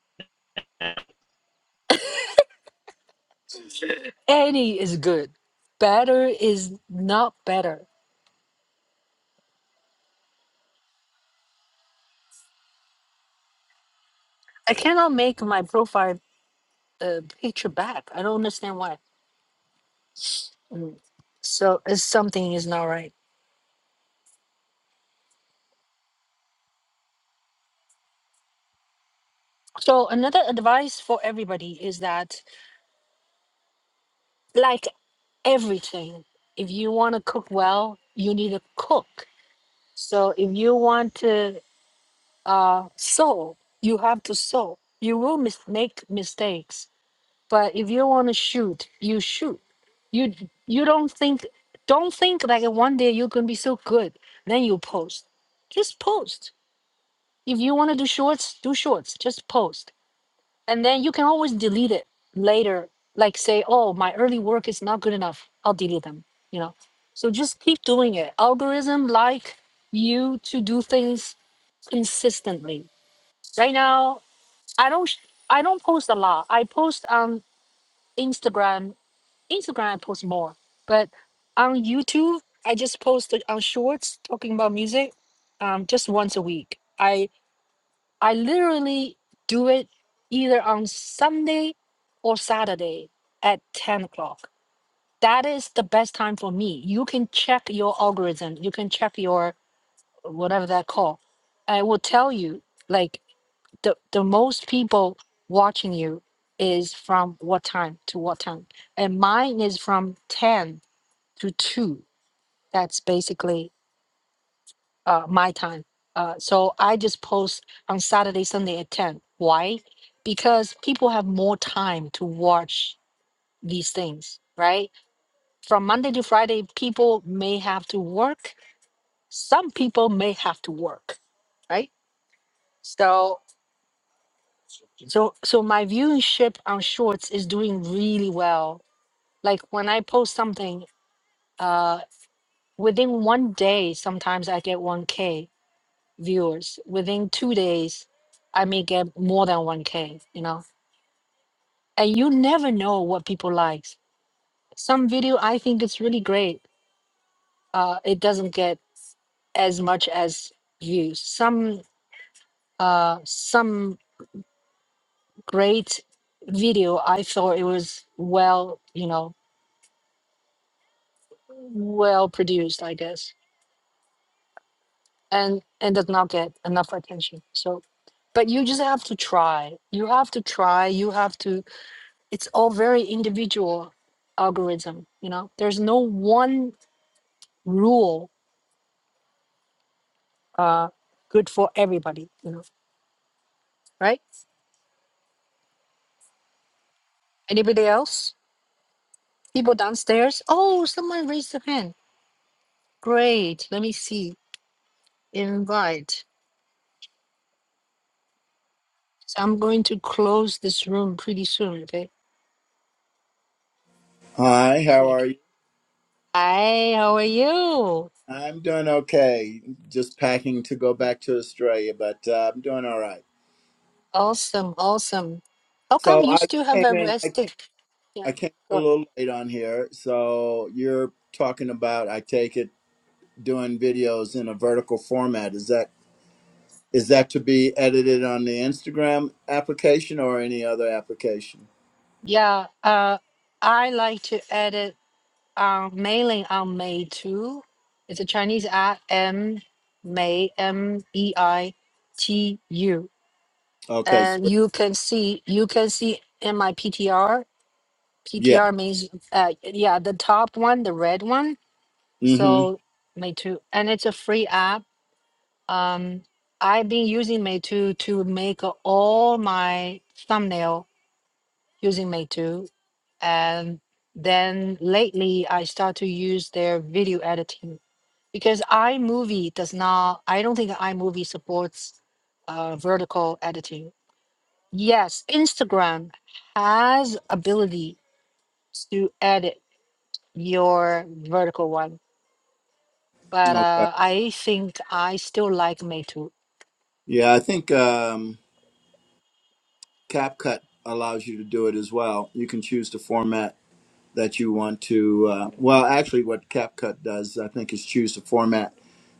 Speaker 1: Any is good. Better is not better. I cannot make my profile uh, picture back. I don't understand why. Mm. So uh, something is not right. So another advice for everybody is that like everything, if you want to cook well, you need to cook. So if you want to uh, sow, you have to sow. You will mis- make mistakes, but if you want to shoot, you shoot. You d- you don't think don't think like one day you're gonna be so good. Then you post. Just post. If you want to do shorts, do shorts. Just post, and then you can always delete it later. Like say, oh, my early work is not good enough. I'll delete them. You know. So just keep doing it. Algorithm like you to do things consistently. Right now, I don't sh- I don't post a lot. I post on Instagram. Instagram I post more, but on YouTube I just post on Shorts talking about music, um, just once a week. I I literally do it either on Sunday or Saturday at ten o'clock. That is the best time for me. You can check your algorithm. You can check your whatever that call. I will tell you like the the most people watching you is from what time to what time and mine is from 10 to 2 that's basically uh, my time uh, so i just post on saturday sunday at 10 why because people have more time to watch these things right from monday to friday people may have to work some people may have to work right so So so my viewership on shorts is doing really well. Like when I post something, uh within one day sometimes I get 1k viewers. Within 2 days I may get more than 1k, you know. And you never know what people like. Some video I think it's really great. Uh it doesn't get as much as views. Some uh some great video I thought it was well, you know, well produced, I guess, and and does not get enough attention. So, but you just have to try. You have to try. You have to. It's all very individual algorithm. You know, there's no one rule uh, good for everybody. You know, right? Anybody else? People downstairs. Oh, someone raised their hand. Great. Let me see. Invite. So I'm going to close this room pretty soon. Okay.
Speaker 8: Hi, how
Speaker 1: Okay.
Speaker 8: are you?
Speaker 1: Hi. How are you?
Speaker 8: I'm doing okay. Just packing to go back to Australia, but uh, I'm doing all right.
Speaker 1: Awesome, awesome. How come
Speaker 8: So
Speaker 1: you
Speaker 8: I
Speaker 1: still have
Speaker 8: came
Speaker 1: a
Speaker 8: in. I
Speaker 1: rest day?
Speaker 8: came.
Speaker 1: Yeah,
Speaker 8: I came a
Speaker 1: go-
Speaker 8: little late on here. So you're talking about, I take it, doing videos in a vertical format. Is that is that to be edited on the Instagram application or any other application?
Speaker 1: yeah. Uh, I like to edit um, mailing on May two. It's a Chinese app, M May M E I T U,
Speaker 8: Okay. So
Speaker 1: and you can see you can see in my P T R. P T
Speaker 8: yeah.
Speaker 1: R means uh, yeah, the top one, the red one.
Speaker 8: Mm-hmm.
Speaker 1: So May two, and it's a free app um i've been using meitu to make all my thumbnail using meitu and then lately i start to use their video editing because imovie does not i don't think imovie supports uh, vertical editing yes instagram has ability to edit your vertical one but
Speaker 8: Okay.
Speaker 1: uh, i think i still like meitu
Speaker 8: Yeah, I think um, CapCut allows you to do it as well. You can choose to format that you want to. Uh, well, actually, what CapCut does, I think, is choose the format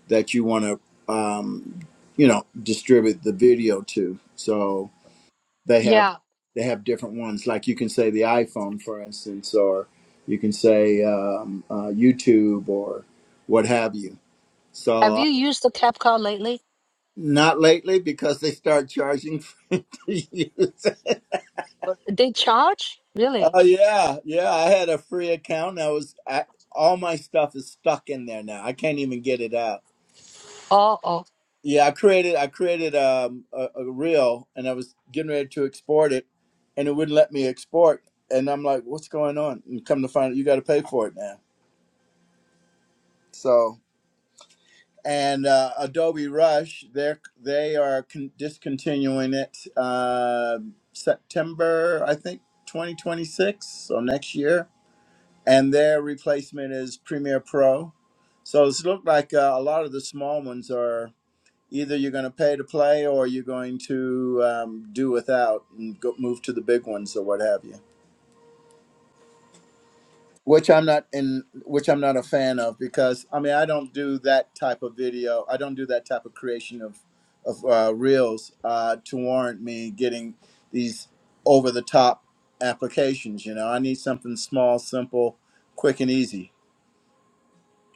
Speaker 8: that you want to, um, you know, distribute the video to. So they have
Speaker 1: yeah
Speaker 8: they have different ones. Like you can say the iPhone, for instance, or you can say um, uh, YouTube or what have you.
Speaker 1: have
Speaker 8: So uh,
Speaker 1: you used the capcut lately
Speaker 8: not lately because they start charging for to use.
Speaker 1: They charge? Really?
Speaker 8: Oh yeah, yeah. I had a free account. And I was I, all my stuff is stuck in there now. I can't even get it out.
Speaker 1: Oh, oh.
Speaker 8: Yeah, I created I created um, a, a reel and I was getting ready to export it, and it wouldn't let me export. And I'm like, what's going on? And come to find out, you got to pay for it now. So and uh, Adobe Rush, they are they are con- discontinuing it uh, September, I think, 2026, so next year and their replacement is Premiere Pro. So it's looked like uh, a lot of the small ones are either you're going to pay to play or you're going to um, do without and go, move to the big ones or what have you. Which I'm not in, which I'm not a fan of because I mean I don't do that type of video. I don't do that type of creation of of uh, reels uh, to warrant me getting these over the top applications. You know, I need something small, simple, quick, and easy.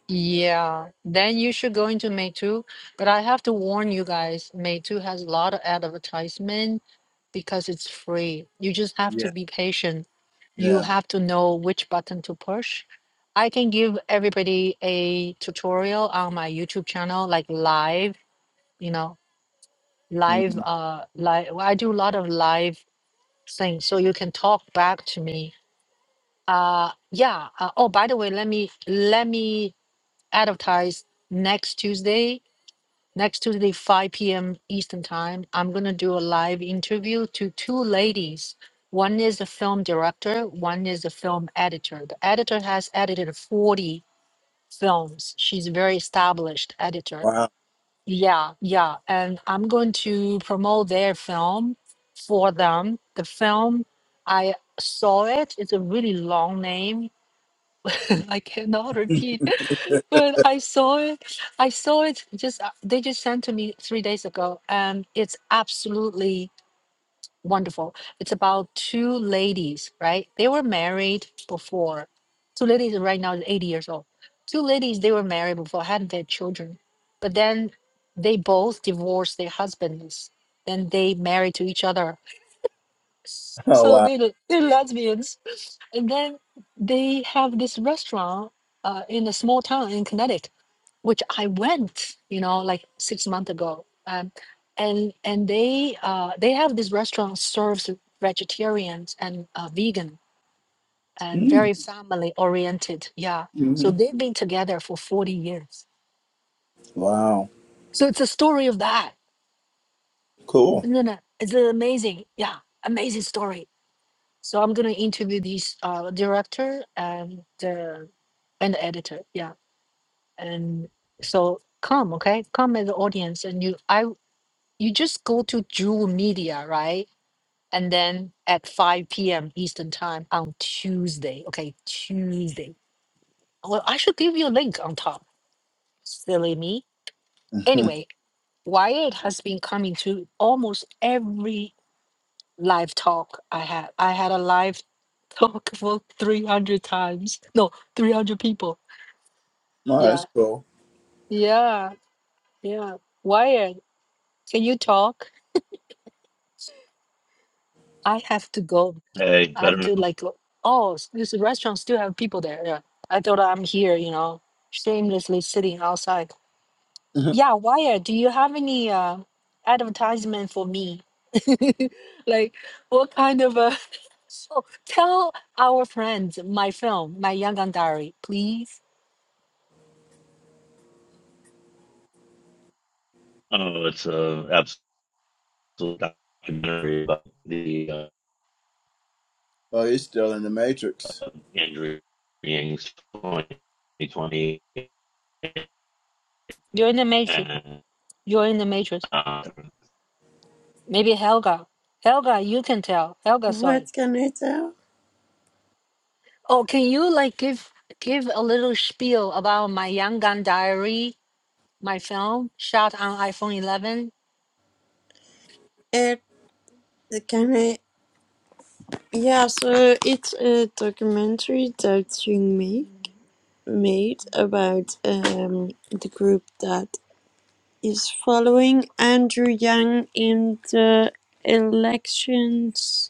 Speaker 1: Yeah. Then you should go into Meitu. But I have to warn you guys, Meitu has a lot of advertisement because it's free. You just have to
Speaker 8: Yeah,
Speaker 1: be patient. You
Speaker 8: yeah.
Speaker 1: have to know which button to push. I can give everybody a tutorial on my YouTube channel, like live, you know, live
Speaker 8: Mm.
Speaker 1: uh live I do a lot of live things. So you can talk back to me Uh, yeah. Uh, oh, by the way, let me let me advertise next Tuesday. Next Tuesday, 5 p.m. Eastern time. I'm gonna do a live interview to two ladies. One is a film director. One is a film editor. The editor has edited 40 films. She's a very established editor.
Speaker 8: Wow.
Speaker 1: Yeah, yeah. And I'm going to promote their film for them. The film I saw it. It's a really long name I cannot
Speaker 8: oh,
Speaker 1: repeat, but I saw it. I saw it just, uh, they just sent to me three days ago, and it's absolutely wonderful. It's about two ladies, right? They were married before. Two ladies right now is 80 years old. Two ladies, they were married before, hadn't had their children, but then they both divorced their husbands. Then they married to each other so
Speaker 8: wow.
Speaker 1: they're, they're lesbians. And then they have this restaurant uh, in a small town in Connecticut, which I went, you know, like six months ago. Um, and and they uh, they have this restaurant serves vegetarians and uh, vegan and very family oriented. Yeah.
Speaker 8: Mm-hmm.
Speaker 1: So they've been together for 40 years.
Speaker 8: Wow.
Speaker 1: So it's a story of that.
Speaker 8: Cool.
Speaker 1: Isn't it? It's amazing. Yeah. Amazing story. So I'm gonna interview this uh, director and the and the editor. Yeah, and so come, okay, come as the audience, and you I you just go to Jewel Media, right? And then at 5 p.m. Eastern time on Tuesday, okay, Tuesday. Well, I should give you a link on top. Silly me.
Speaker 8: Mhm.
Speaker 1: Anyway, Wyatt has been coming to almost every live talk I had. I had a live talk for 300 times. No, 300 people.
Speaker 8: Well, that's
Speaker 1: Yeah.
Speaker 8: cool.
Speaker 1: Yeah. Yeah. Wyatt, can you talk? I have to go.
Speaker 6: Hey,
Speaker 1: I have
Speaker 6: better.
Speaker 1: to like, go- oh, s- this restaurant still have people there. Yeah. I thought I'm here, you know, shamelessly sitting outside.
Speaker 8: oh,
Speaker 1: Yeah, Wire, do you have any uh, advertisement for me? Like, what kind of a. So tell our friends my film, my Yangon Diary, please.
Speaker 6: Oh, it's a absolute documentary about the uh,
Speaker 8: he's still in the Matrix.
Speaker 6: Andrew Yang 2020
Speaker 1: You're in the Matrix.
Speaker 6: and
Speaker 1: You're in the Matrix.
Speaker 6: uh,
Speaker 1: Maybe Helga. Helga, you can tell. Helga saw
Speaker 3: what
Speaker 1: it.
Speaker 3: can I tell?
Speaker 1: Oh, can you like give give a little spiel about my Yangon Diary, my film shot on iPhone eleven,
Speaker 3: It can I? Yeah, so it's a documentary that you make made about um, the group that is following Andrew Yang in the elections,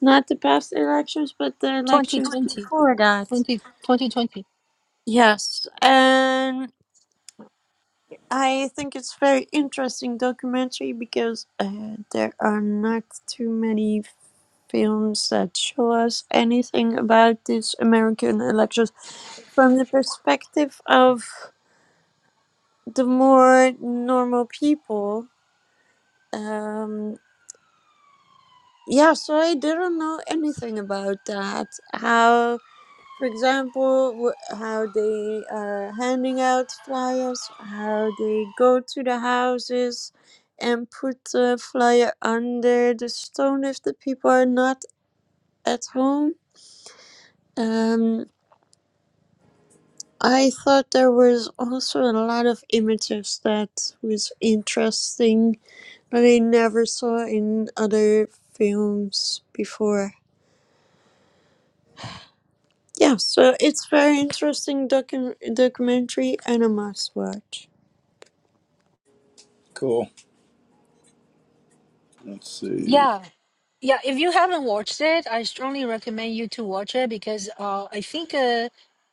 Speaker 3: not the past elections, but the
Speaker 1: twenty
Speaker 3: elections
Speaker 1: twenty
Speaker 3: before that.
Speaker 1: twenty twenty twenty.
Speaker 3: Yes, and I think it's very interesting documentary because uh, there are not too many films that show us anything about this American elections from the perspective of the more normal people um yeah so i didn't know anything about that how for example wh- how they are handing out flyers how they go to the houses and put the flyer under the stone if the people are not at home um I thought there was also a lot of images that was interesting But I never saw in other films before. Yeah, so it's very interesting docu- documentary and a must watch.
Speaker 8: Cool. Let's
Speaker 1: Yeah.
Speaker 8: see.
Speaker 1: Yeah, if you haven't watched it, I strongly recommend you to watch it because uh, I think uh,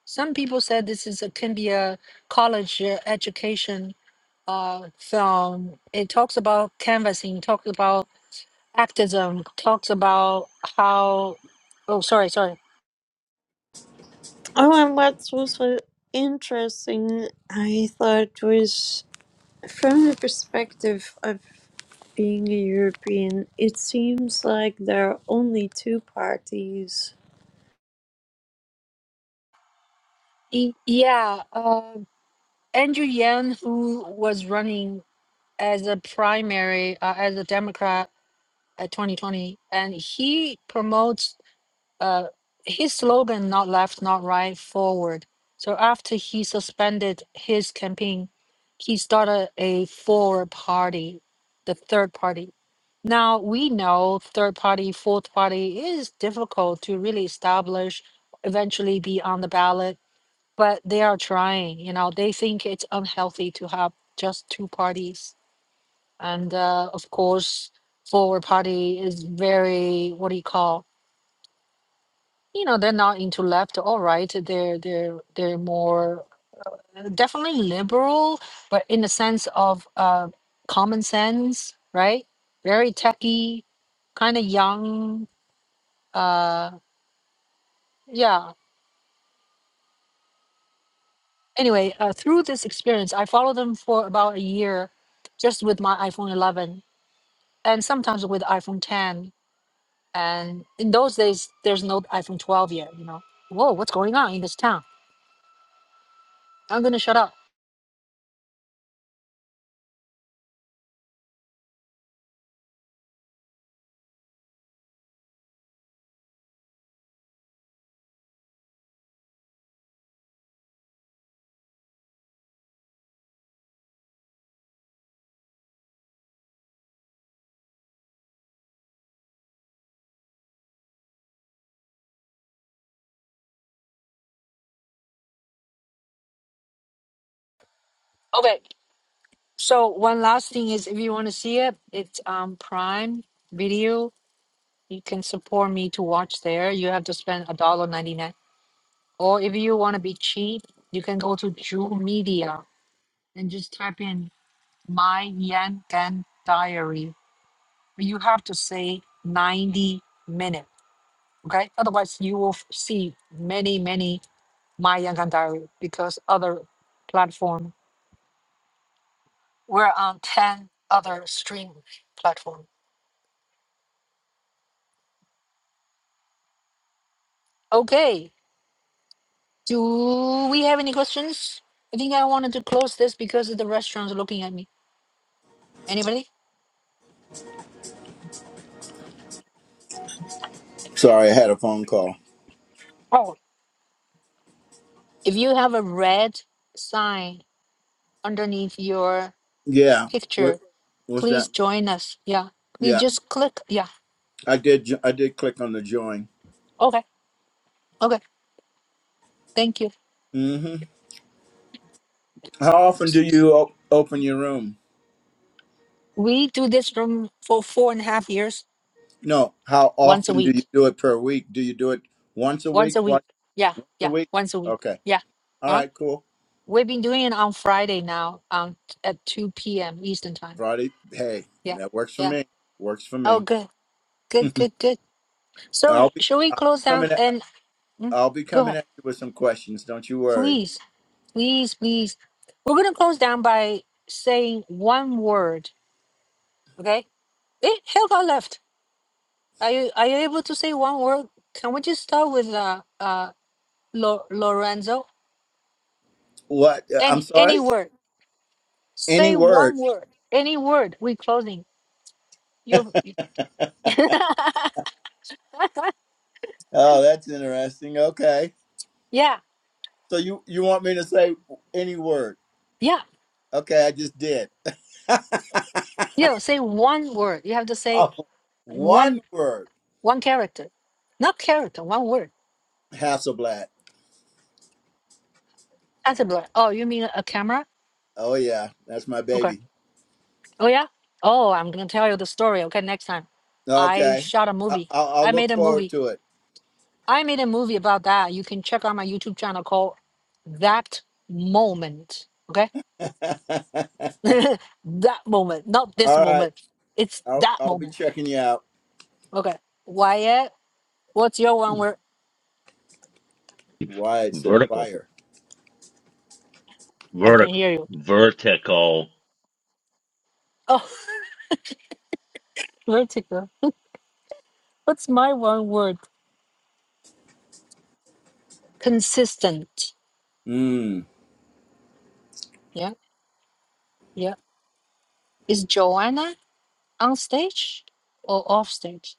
Speaker 1: some people said this is a, can be a college uh, education uh, film. It talks about canvassing, talks about activism, talks about how. Oh, sorry, sorry.
Speaker 3: Oh, and what's also interesting, I thought, was from the perspective of being a European, it seems like there are only two parties
Speaker 1: E- yeah, uh, Andrew Yang, who was running as a primary uh, as a Democrat at 2020, and he promotes uh, his slogan, not left, not right, forward. So after he suspended his campaign, he started a forward party, the third party. Now we know third party, fourth party is difficult to really establish, eventually be on the ballot, but they are trying. You know, they think it's unhealthy to have just two parties. And uh, of course, forward party is very, what do you call? you know they're not into left or right they're they're they're more uh, definitely liberal but in the sense of uh common sense right very techy kind of young uh yeah anyway uh, through this experience i followed them for about a year just with my iphone 11 and sometimes with iphone 10 and in those days there's no iphone 12 yet you know whoa what's going on in this town i'm gonna shut up okay So one last thing is, if you want to see it, it's um Prime Video. You can support me to watch there. You have to spend a dollar ninety nine. Or if you want to be cheap, you can go to Jewel Media and just type in my Yan Gan Diary. But You have to say ninety minute, okay? Otherwise, you will f- see many many my Yan Gan Diary because other platform. We're on ten other stream platform. Okay. Do we have any questions? I think I wanted to close this because the restaurant's looking at me. Anybody?
Speaker 8: Sorry, I had a phone call.
Speaker 1: Oh, if you have a red sign underneath your
Speaker 8: Yeah. What?
Speaker 1: picture,
Speaker 8: What's that?
Speaker 1: please join us. Yeah, please
Speaker 8: Yeah,
Speaker 1: just click. Yeah,
Speaker 8: I did. jo- I did click on the join.
Speaker 1: okay, okay, thank you.
Speaker 8: hmm How often do you op- open your room?
Speaker 1: We do this room for four and a half years,
Speaker 8: No. How
Speaker 1: once a
Speaker 8: often do you
Speaker 1: week,
Speaker 8: do it per week? Do you do it once a
Speaker 1: once
Speaker 8: week?
Speaker 1: a
Speaker 8: Twice?
Speaker 1: week. Yeah,
Speaker 8: Once a
Speaker 1: yeah,
Speaker 8: week?
Speaker 1: once a week.
Speaker 8: Okay.
Speaker 1: Yeah,
Speaker 8: All
Speaker 1: huh?
Speaker 8: right. Cool.
Speaker 1: We've been doing it on Friday now, um, at 2 p.m. Eastern time.
Speaker 8: Friday. Hey,
Speaker 1: Yeah,
Speaker 8: that works for
Speaker 1: yeah.
Speaker 8: me. Works for me.
Speaker 1: Oh, good, good, good, good. So
Speaker 8: I'll be
Speaker 1: should we
Speaker 8: I'll be
Speaker 1: close down
Speaker 8: coming at,
Speaker 1: and mm,
Speaker 8: I'll be
Speaker 1: go
Speaker 8: coming
Speaker 1: ahead,
Speaker 8: at you with some questions. Don't you worry.
Speaker 1: please, please, please. We're gonna close down by saying one word. Okay. Hey, Helga left. Are you are you able to say one word? Can we just start with uh uh Lo- Lorenzo
Speaker 8: What? Uh, I'm
Speaker 1: and
Speaker 8: sorry.
Speaker 1: any word?
Speaker 8: Any
Speaker 1: Say
Speaker 8: word?
Speaker 1: one word. Any word. We closing. You.
Speaker 8: Oh, that's interesting. Okay.
Speaker 1: yeah.
Speaker 8: So you you want me to say any word?
Speaker 1: Yeah.
Speaker 8: Okay, I just did.
Speaker 1: You know, say one word. You have to say
Speaker 8: oh, one
Speaker 1: one
Speaker 8: word.
Speaker 1: one character, not character. One word.
Speaker 8: Hasselblad.
Speaker 1: That's a blur. Oh, you mean a camera?
Speaker 8: Oh yeah, that's my
Speaker 1: Okay.
Speaker 8: baby.
Speaker 1: Oh yeah. Oh, I'm gonna tell you the story. Okay, next time. I
Speaker 8: Okay.
Speaker 1: shot a
Speaker 8: I,
Speaker 1: movie.
Speaker 8: I'll, I'll
Speaker 1: I
Speaker 8: look
Speaker 1: made a
Speaker 8: forward
Speaker 1: movie.
Speaker 8: to it.
Speaker 1: I made a movie about that. You can check out my YouTube channel called That Moment. Okay. that moment, not this
Speaker 8: All right.
Speaker 1: moment. It's
Speaker 8: I'll
Speaker 1: that
Speaker 8: I'll be
Speaker 1: moment.
Speaker 8: checking you out.
Speaker 1: Okay. Wyatt, what's your one
Speaker 8: Hmm,
Speaker 1: word?
Speaker 8: Why it said
Speaker 6: vertical,
Speaker 8: fire.
Speaker 1: I can
Speaker 6: vertical,
Speaker 1: hear you.
Speaker 6: vertical.
Speaker 1: Oh, Vertigo. What's my one word? Consistent.
Speaker 8: Mm.
Speaker 1: Yeah. Yeah. Is Joanna? on stage or off stage?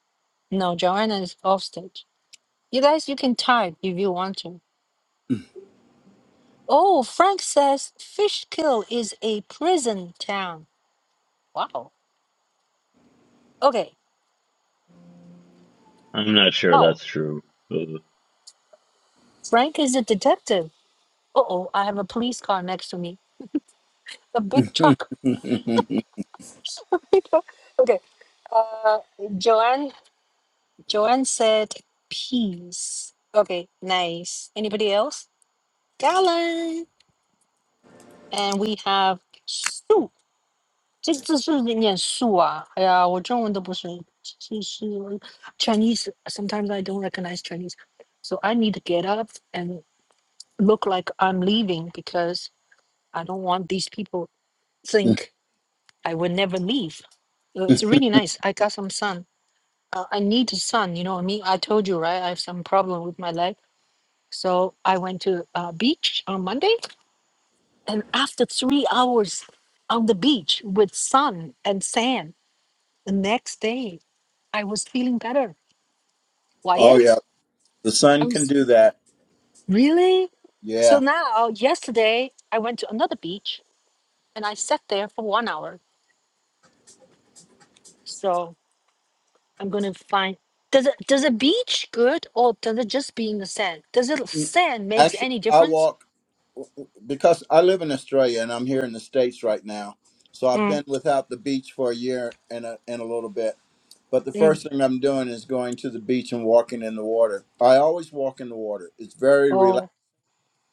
Speaker 1: No, Joanna is off stage. You guys, you can type if you want to. Oh, Frank says Fishkill is a prison town. Wow. Okay.
Speaker 6: I'm not sure
Speaker 1: Wow.
Speaker 6: that's true.
Speaker 1: Frank is a detective. Uh oh, I have a police car next to me. A big truck. okay. Uh, Joanne. Joanne said peace. Okay, nice. Anybody else? Galen. And we have Sue. 这这是念素啊！哎呀，我中文都不是，是是 Chinese. Sometimes I don't recognize Chinese, so I need to get up and look like I'm leaving because I don't want these people think I would never leave. Uh, It's really nice. I got some sun. Uh, I need sun. You know what I mean? I told you right. I have some problem with my leg, so I went to uh, beach on Monday, and after three hours on the beach with sun and sand, the next day I was feeling better.
Speaker 8: Oh yeah,
Speaker 1: Wyatt,
Speaker 8: the
Speaker 1: I
Speaker 8: sun
Speaker 1: was
Speaker 8: can do
Speaker 1: sleep.
Speaker 8: that.
Speaker 1: Really? So
Speaker 8: Yeah,
Speaker 1: now, yesterday, I went to another beach and I sat there for one hour. So I'm gonna find. Does it does a beach good or does it just be in the sand? Does it sand makes
Speaker 8: actually,
Speaker 1: any
Speaker 8: I
Speaker 1: difference?
Speaker 8: walk because I live in Australia and I'm here in the states right now. So I've
Speaker 1: Mm,
Speaker 8: been without the beach for a year and a and a little bit. But the
Speaker 1: mm,
Speaker 8: first thing I'm doing is going to the beach and walking in the water. I always walk in the water. It's very relaxed.
Speaker 1: oh,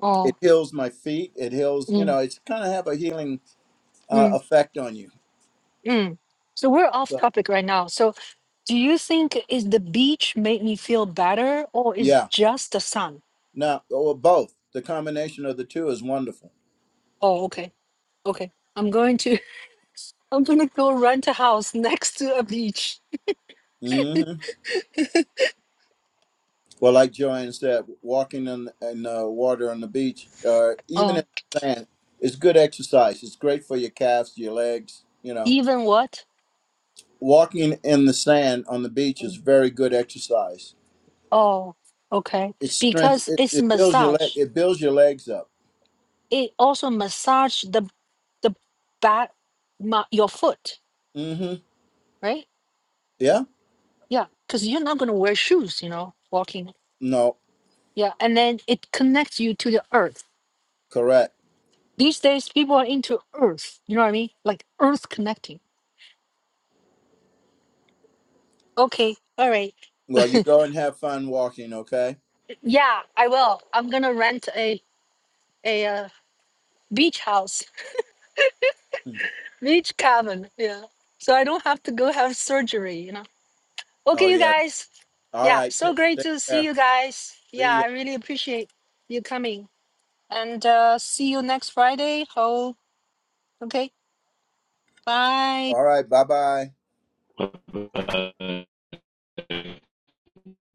Speaker 1: oh,
Speaker 8: It heals my feet. It heals, you
Speaker 1: mm,
Speaker 8: know, it's kind of have a healing uh,
Speaker 1: mm,
Speaker 8: effect on you.
Speaker 1: mm. So we're off
Speaker 8: So
Speaker 1: topic right now. So do you think is the beach made me feel better or is
Speaker 8: yeah,
Speaker 1: just the sun?
Speaker 8: no, or both. The combination of the two is wonderful.
Speaker 1: Oh, okay, okay. I'm going to I'm gonna go rent a house next to a beach.
Speaker 8: Mm-hmm. Well, like Joanne said, walking in, in uh, water on the beach, uh, even in
Speaker 1: Oh,
Speaker 8: the sand, is good exercise. It's great for your calves, your legs. You know,
Speaker 1: even what?
Speaker 8: walking in the sand on the beach is very good exercise.
Speaker 1: Oh, okay.
Speaker 8: It's strength.
Speaker 1: Because
Speaker 8: It,
Speaker 1: it's
Speaker 8: it builds your leg.
Speaker 1: massage.
Speaker 8: It builds your legs up.
Speaker 1: It also massage the the back, my, your foot,
Speaker 8: Mm-hmm.
Speaker 1: right?
Speaker 8: Yeah.
Speaker 1: Yeah, because you're not gonna wear shoes, you know, walking.
Speaker 8: No.
Speaker 1: Yeah, and then it connects you to the earth.
Speaker 8: Correct.
Speaker 1: These days, people are into earth. You know what I mean? Like earth connecting. Okay, all right.
Speaker 8: Well, you go and have fun walking. Okay.
Speaker 1: Yeah, I will. I'm gonna rent a a uh, beach house
Speaker 8: Hmm.
Speaker 1: Beach cabin. Yeah. So I don't have to go have surgery, you know.
Speaker 8: Oh
Speaker 1: Okay, you
Speaker 8: yeah.
Speaker 1: guys.
Speaker 8: All
Speaker 1: Yeah.
Speaker 8: right.
Speaker 1: So
Speaker 8: Take,
Speaker 1: great
Speaker 8: take
Speaker 1: to see
Speaker 8: care.
Speaker 1: you guys. Yeah.
Speaker 8: See ya.
Speaker 1: I really appreciate you coming. And uh, see you next Friday. Ho. Okay. Bye.
Speaker 8: All right. Bye bye.
Speaker 6: Uh,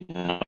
Speaker 6: yeah.